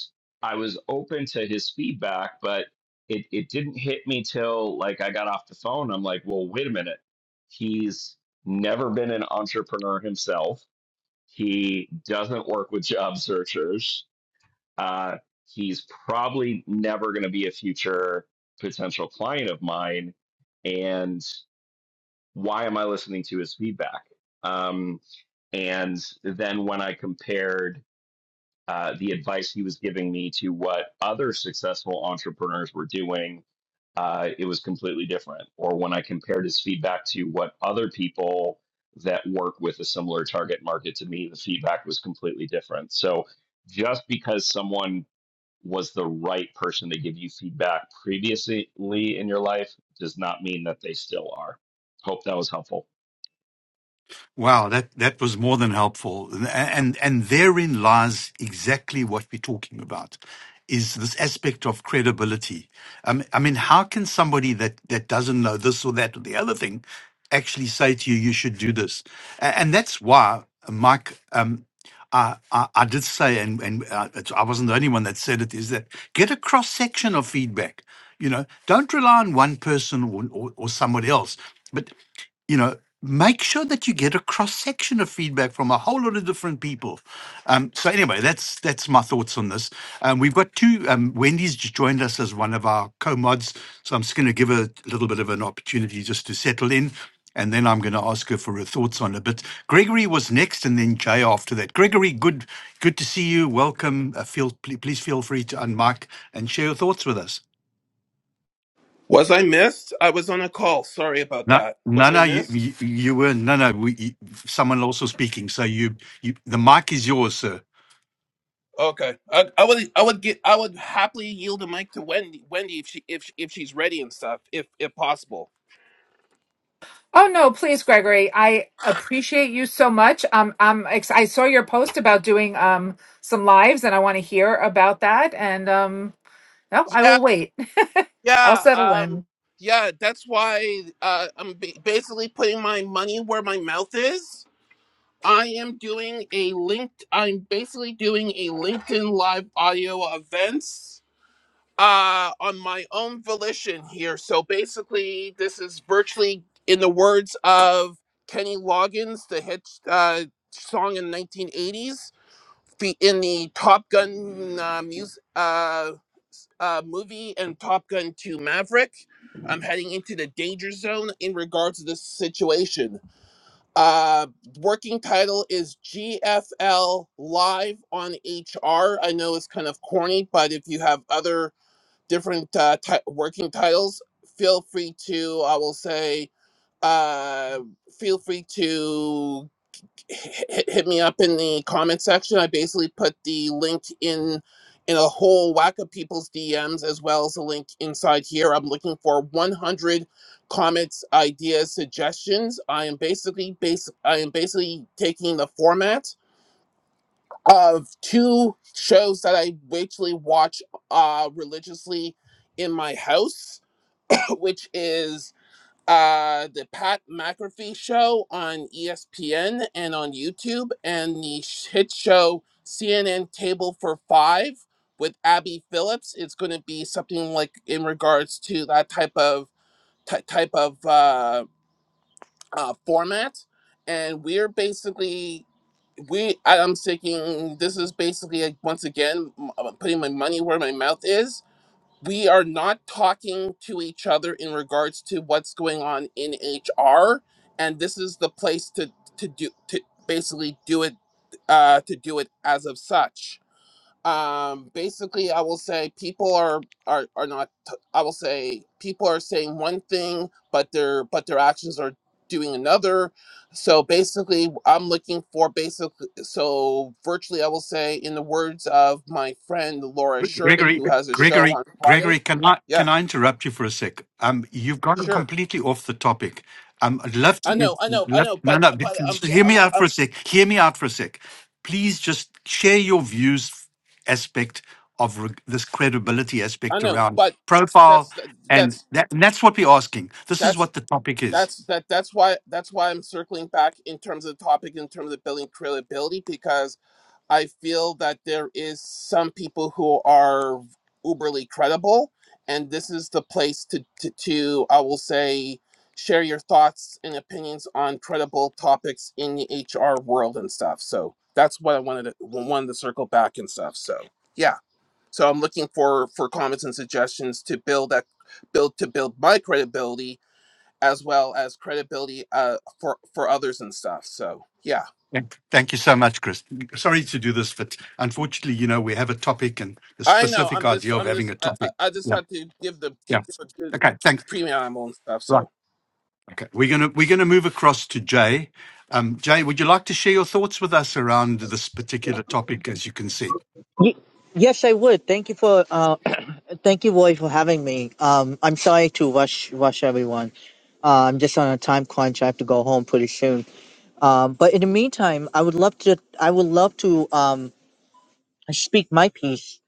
i was open to his feedback but it it didn't hit me till like i got off the phone i'm like well wait a minute he's never been an entrepreneur himself he doesn't work with job searchers uh, he's probably never going to be a future potential client of mine. And why am I listening to his feedback? Um, and then when I compared uh, the advice he was giving me to what other successful entrepreneurs were doing, uh, it was completely different. Or when I compared his feedback to what other people that work with a similar target market to me, the feedback was completely different. So just because someone was the right person to give you feedback previously in your life does not mean that they still are. Hope that was helpful.
Wow, that, that was more than helpful. And, and, and therein lies exactly what we're talking about is this aspect of credibility. Um, I mean, how can somebody that, that doesn't know this or that or the other thing actually say to you, you should do this? A- And that's why, uh, Mike, um, I, I, I did say, and, and uh, it's, I wasn't the only one that said it, is that get a cross section of feedback. You know, don't rely on one person or, or, or somebody else you know make sure that you get a cross section of feedback from a whole lot of different people um, so anyway that's that's my thoughts on this um, we've got two um, wendy's just joined us as one of our co-mods so i'm just going to give her a little bit of an opportunity just to settle in and then i'm going to ask her for her thoughts on it but gregory was next and then jay after that gregory good good to see you welcome uh, feel pl- please feel free to unmic and share your thoughts with us
Was I missed? I was on a call. Sorry about
No,
that. Was
no,
I
no, you,
missed?
you, you were, no, no, we, you, someone also speaking. So you, you, the mic is yours, sir.
Okay. I, I would I would get I would happily yield the mic to Wendy Wendy if she if she- if she's ready and stuff if if possible.
Oh no, please, Gregory. I appreciate you so much. Um, I'm ex- I saw your post about doing um some lives, and I want to hear about that. And um, no, I
Yeah.
will wait. I'll
Yeah.
settle
Um
in.
yeah, that's why uh, I'm ba- basically putting my money where my mouth is. I am doing a linked I'm basically doing a LinkedIn live audio events uh on my own volition here so basically this is virtually in the words of kenny loggins the hit uh song in 1980s fe- in the top gun uh, music uh uh, movie and Top Gun 2 Maverick. I'm heading into the danger zone in regards to this situation. Uh, working title is GFL Live on HR. I know it's kind of corny, but if you have other different uh, ti- working titles, feel free to, I will say, uh, feel free to hit, hit me up in the comment section. I basically put the link in in a whole whack of people's DMs as well as a link inside here. I'm looking for 100 comments, ideas, suggestions. I am basically basic. I am basically taking the format of two shows that I actually watch uh, religiously in my house which is uh, the Pat McAfee show on ESPN and on YouTube, and the hit show CNN Table for Five with Abby Phillips. It's going to be something like in regards to that type of ty type of uh, uh, format, and we're basically. We, I- I'm thinking this is basically like once again m- uh, putting my money where my mouth is we are not talking to each other in regards to what's going on in HR, and this is the place to to do to basically do it uh, to do it as of such um basically i will say people are are are not I will say people are saying one thing but their but their actions are doing another so basically i'm looking for basically. so virtually i will say in the words of my friend laura
Gre-
sherman
Gregory,
who has a show
Gregory,
on
Gregory,
friday
can I, can
yeah
I interrupt you for a sec? Um, you've gone
sure
completely off the topic. Um, I'd love
i
to,
know i know i
love,
know
no,
but
no, be-
but i'm
just hear me
i'm,
out for a
I'm
sec. Hear me out for a sec. Please just share your views aspect of re- this credibility
i
aspect
know
around
but
profile.
that's
And
that's
that, and that's what we're asking. This is
that's
what the topic is.
that's that that's why that's why I'm circling back in terms of the topic in terms of building credibility because I feel that there is some people who are uberly credible and this is the place to to, to I will say share your thoughts and opinions on credible topics in the HR world and stuff. So that's what I wanted to wanted to circle back and stuff. So yeah. So I'm looking for for comments and suggestions to build that build to build my credibility as well as credibility uh for for others and stuff so yeah
Thank thank you so much, Chris. Sorry to do this, but unfortunately, you know, we have a topic and the
i know
specific
i'm just
idea of
i'm
having
just
a
i, I
topic.
I just
Yeah,
have to give the give
yeah.
a good
Okay, thanks.
preamble and stuff so
Okay, we're gonna we're gonna move across to Jay. Um, Jay, would you like to share your thoughts with us around this particular topic? As you can see,
Ye- Yes, I would. Thank you for uh, thank you, Roy, for having me. Um, I'm sorry to rush rush everyone. Uh, I'm just on a time crunch. I have to go home pretty soon. Um, but in the meantime, I would love to I would love to um, speak my piece.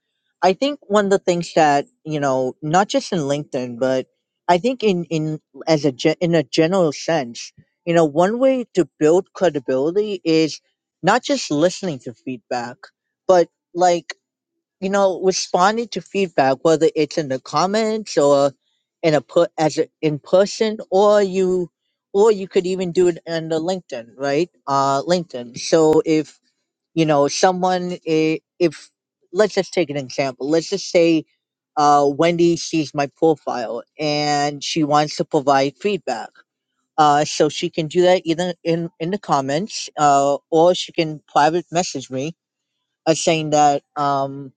I think one of the things that you know, not just in LinkedIn, but I think in in as a ge- in a general sense, you know, one way to build credibility is not just listening to feedback, but like you know, responding to feedback, whether it's in the comments or in a put as a, in person, or you, or you could even do it in the LinkedIn, right? Uh, LinkedIn. So if you know someone, i- if let's just take an example. Let's just say uh, Wendy sees my profile and she wants to provide feedback. Uh, so she can do that either in, in the comments, uh, or she can private message me, uh, saying that um,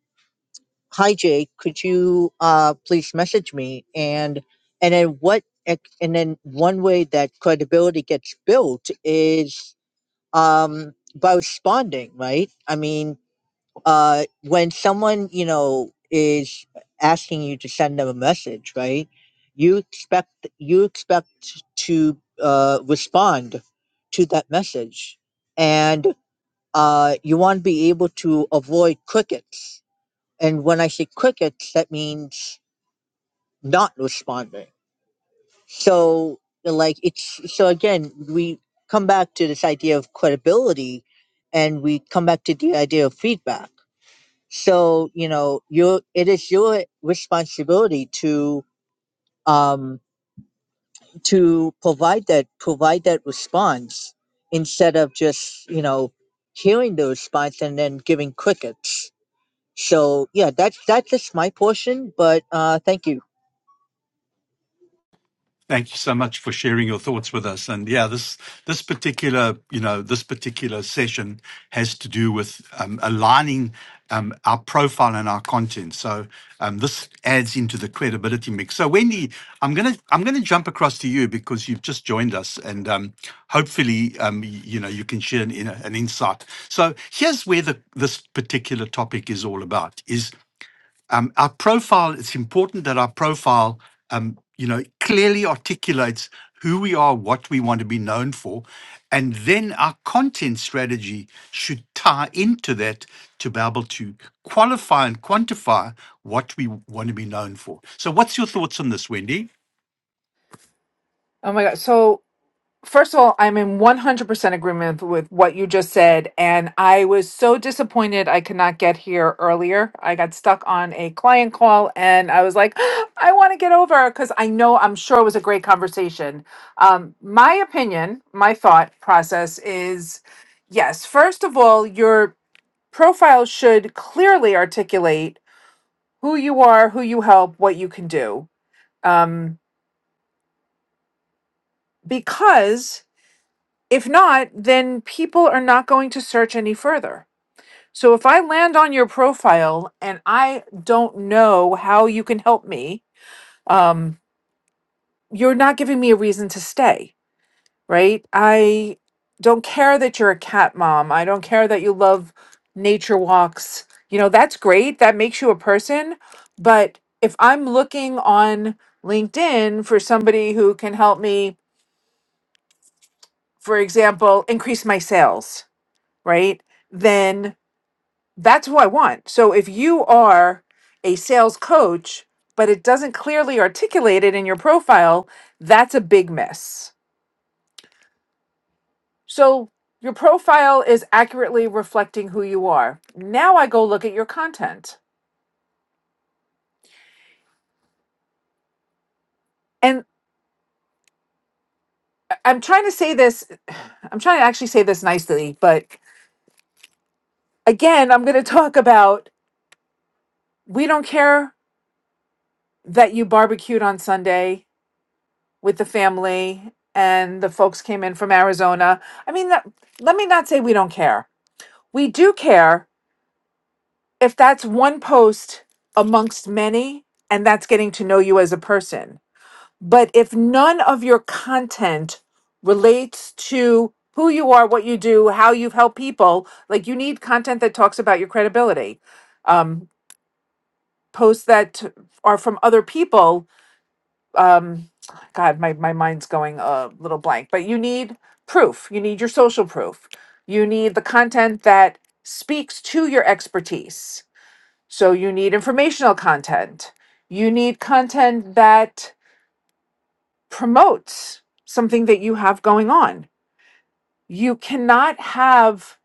hi Jake, could you uh please message me and and then what ex- and then one way that credibility gets built is um by responding, right? I mean, uh when someone, you know, is asking you to send them a message, right? You expect you expect to uh respond to that message and uh you want to be able to avoid crickets and when I say crickets, that means not responding. So, like, it's so again, we come back to this idea of credibility and we come back to the idea of feedback. So, you know, your it is your responsibility to um to provide that provide that response instead of just, you know, hearing the response and then giving crickets. So yeah, that's that's just my portion, but uh thank you.
Thank you so much for sharing your thoughts with us. And yeah, this this particular you know this particular session has to do with um, aligning um, our profile and our content. So um, this adds into the credibility mix. So Wendy, I'm gonna I'm gonna jump across to you because you've just joined us, and um, hopefully um, y- you know you can share an, in- an insight. So here's where the, this particular topic is all about: is um, our profile it's important that our profile um, you know clearly articulates who we are what we want to be known for and then our content strategy should tie into that to be able to qualify and quantify what we want to be known for so what's your thoughts on this wendy
Oh my god. So First of all, I'm in 100% agreement with what you just said. And I was so disappointed I could not get here earlier. I got stuck on a client call and I was like, I want to get over because I know I'm sure it was a great conversation. Um, my opinion, my thought process is yes, first of all, your profile should clearly articulate who you are, who you help, what you can do. Um, because If not, then people are not going to search any further. So if I land on your profile and I don't know how you can help me, um, you're not giving me a reason to stay, right? I don't care that you're a cat mom. I don't care that you love nature walks. You know, that's great. That makes you a person. But if I'm looking on LinkedIn for somebody who can help me, for example, increase my sales, right? Then That's who I want. So if you are a sales coach, but it doesn't clearly articulate it in your profile, that's a big miss. So your profile is accurately reflecting who you are. Now I go look at your content. And I- I'm trying to say this, I'm trying to actually say this nicely, but again, I'm going to talk about we don't care that you barbecued on Sunday with the family and the folks came in from Arizona. I mean, that, let me not say we don't care. We do care if that's one post amongst many and that's getting to know you as a person. But if none of your content relates to who you are, what you do, how you've helped people, like you need content that talks about your credibility. Um, posts that are from other people um god my my mind's going a little blank but you need proof you need your social proof you need the content that speaks to your expertise so you need informational content you need content that promotes something that you have going on you cannot have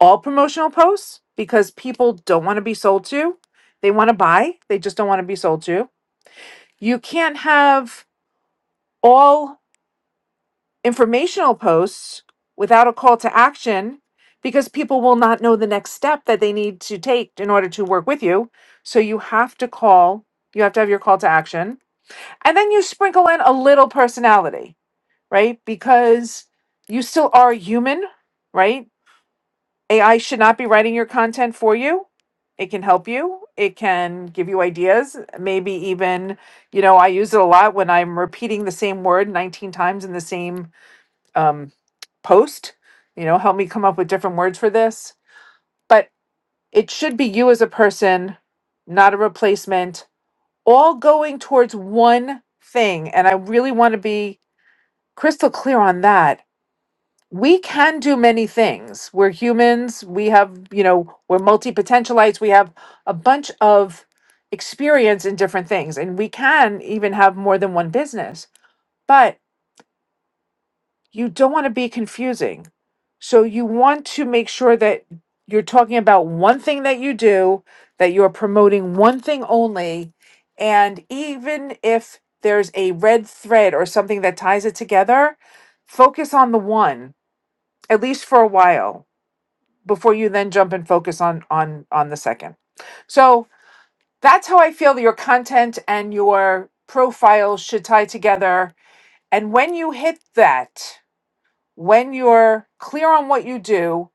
all promotional posts because people don't want to be sold to they want to buy they just don't want to be sold to you can't have all informational posts without a call to action because people will not know the next step that they need to take in order to work with you. So you have to call, you have to have your call to action. And then you sprinkle in a little personality, right? Because you still are human, right? AI should not be writing your content for you. It can help you. It can give you ideas. Maybe even, you know, I use it a lot when I'm repeating the same word 19 times in the same um, post, you know, help me come up with different words for this. But it should be you as a person, not a replacement, all going towards one thing. And I really want to be crystal clear on that. We can do many things. We're humans. We have, you know, we're multi potentialites. We have a bunch of experience in different things. And we can even have more than one business. But you don't want to be confusing. So you want to make sure that you're talking about one thing that you do, that you're promoting one thing only. And even if there's a red thread or something that ties it together, focus on the one, at least for a while, before you then jump and focus on on on the second. So that's how I feel that your content and your profile should tie together. And when you hit that, when you're clear on what you do,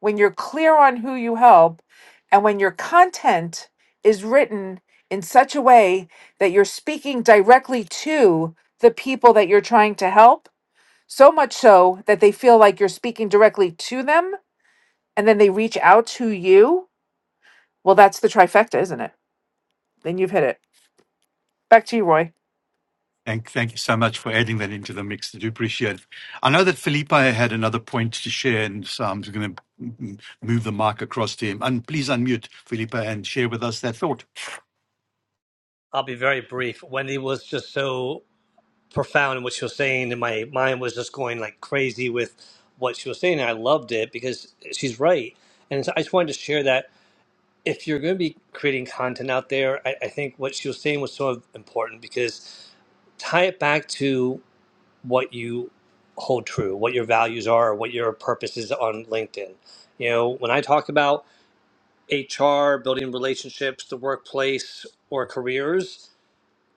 when you're clear on who you help, and when your content is written in such a way that you're speaking directly to the people that you're trying to help, so much so that they feel like you're speaking directly to them and then they reach out to you, well, that's the trifecta, isn't it? Then you've hit it. Back to you, Roy.
Thank, thank you so much for adding that into the mix. I do appreciate it. I know that Felipe had another point to share, and so I'm just going to move the mic across to him. And please unmute, Felipe, and share with us that thought.
I'll be very brief. Wendy was just so profound in what she was saying, and my mind was just going like crazy with what she was saying. And I loved it because she's right. And so I just wanted to share that if you're going to be creating content out there, I, I think what she was saying was so important because tie it back to what you hold true, what your values are, what your purpose is on LinkedIn. You know, when I talk about HR, building relationships, the workplace, or careers,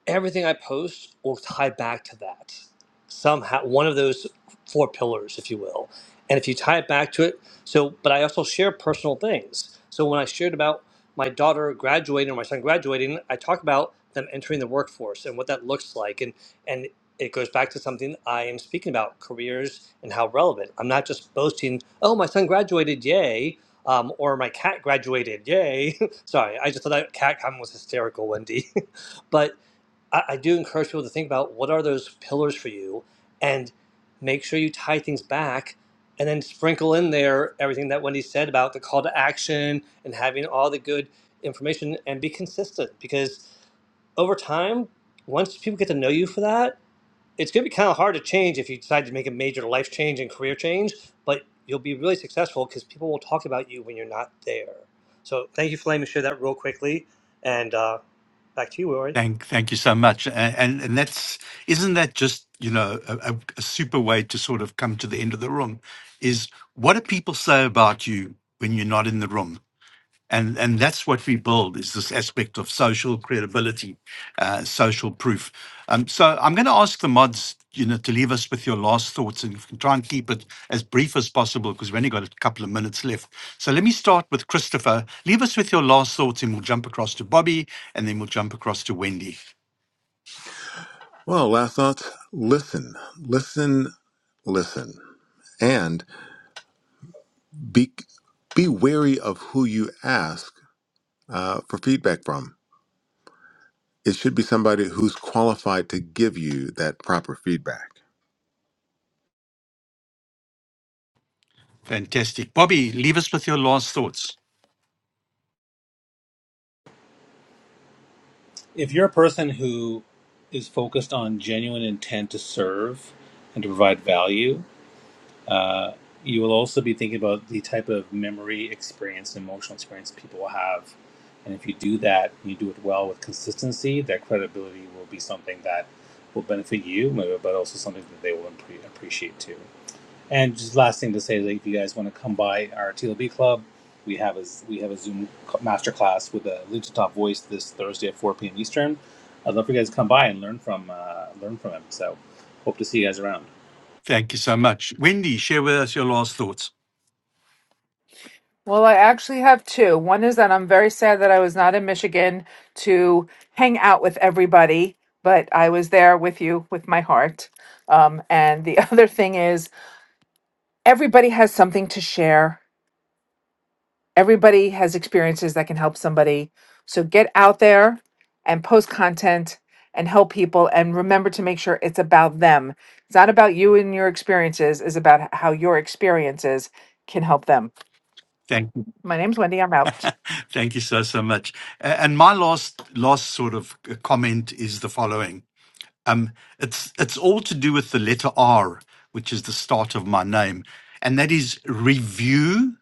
everything I post will tie back to that somehow, one of those four pillars, if you will. And if you tie it back to it, so, but I also share personal things. So when I shared about my daughter graduating or my son graduating, I talk about them entering the workforce and what that looks like. And, and it goes back to something I am speaking about careers and how relevant. I'm not just boasting, oh, my son graduated, yay. Um, or my cat graduated, yay. Sorry, I just thought that cat comment was hysterical, Wendy. but I, I do encourage people to think about what are those pillars for you and make sure you tie things back and then sprinkle in there everything that Wendy said about the call to action and having all the good information and be consistent because over time, once people get to know you for that, it's going to be kind of hard to change if you decide to make a major life change and career change, but you'll be really successful because people will talk about you when you're not there. So thank you for letting me share that real quickly. And uh, back to you, Rory.
Thank, thank you so much. A- And and that's isn't that just you know a, a a super way to sort of come to the end of the room? Is what do people say about you when you're not in the room? and and that's what we build is this aspect of social credibility, uh, social proof. Um, so I'm going to ask the mods, you know, to leave us with your last thoughts, and you can try and keep it as brief as possible because we only got a couple of minutes left. So let me start with Christopher. Leave us with your last thoughts, and we'll jump across to Bobby, and then we'll jump across to Wendy.
Well, last thoughts listen, listen, listen, and be, be wary of who you ask uh, for feedback from. It should be somebody who's qualified to give you that proper feedback.
Fantastic, Bobby. Leave us with your last thoughts.
If you're a person who is focused on genuine intent to serve and to provide value, uh, you will also be thinking about the type of memory experience and emotional experience people will have. And if you do that, and you do it well with consistency, that credibility will be something that will benefit you, but also something that they will appre- appreciate too. And just last thing to say, like, if you guys want to come by our TLB club, we have a we have a Zoom masterclass with a Lucha Top voice this Thursday at 4 p.m. Eastern. I'd love for you guys to come by and learn from uh, learn from him. So, hope to see you guys around.
Thank you so much, Wendy. Share with us your last thoughts.
Well, I actually have two. One is that I'm very sad that I was not in Michigan to hang out with everybody, but I was there with you with my heart. Um, and the other thing is, everybody has something to share, everybody has experiences that can help somebody. So get out there and post content and help people. And remember to make sure it's about them. It's not about you and your experiences, it's about how your experiences can help them.
Thank you.
My name's Wendy. I'm out.
Thank you so so much. A- And my last last sort of uh, comment is the following. Um, it's it's all to do with the letter R, which is the start of my name, and that is review,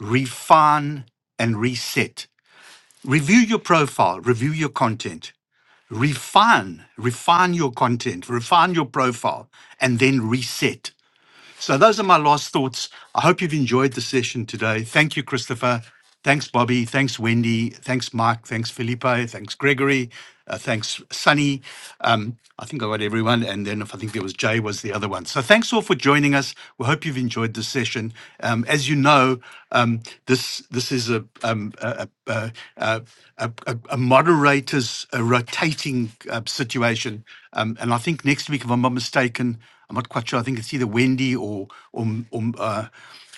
refine, and reset. Review your profile, review your content, refine, refine your content, refine your profile, and then reset so those are my last thoughts. I hope you've enjoyed the session today. Thank you, Christopher. Thanks, Bobby. Thanks, Wendy. Thanks, Mike. Thanks, Felipe. Thanks, Gregory. Uh, thanks, Sunny. Um, I think I got everyone. And then if I think there was Jay was the other one. So thanks all for joining us. We hope you've enjoyed the session. Um, as you know, um, this this is a um, a, a, a, a, a a moderator's a rotating uh, situation. Um, and I think next week, if I'm not mistaken, I'm not quite sure. I think it's either Wendy or or or, uh,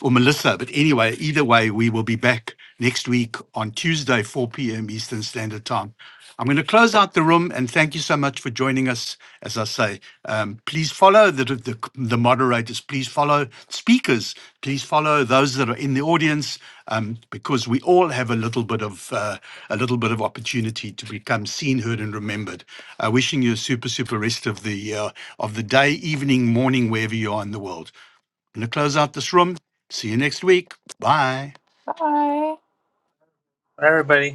or Melissa. But anyway, either way, we will be back next week on Tuesday, 4 p.m. Eastern Standard Time. I'm going to close out the room and thank you so much for joining us. As I say, um, please follow the, the the moderators. Please follow speakers. Please follow those that are in the audience um, because we all have a little bit of uh, a little bit of opportunity to become seen, heard, and remembered. Uh, wishing you a super, super rest of the uh, of the day, evening, morning, wherever you are in the world. I'm going to close out this room. See you next week. Bye.
Bye.
Bye, everybody.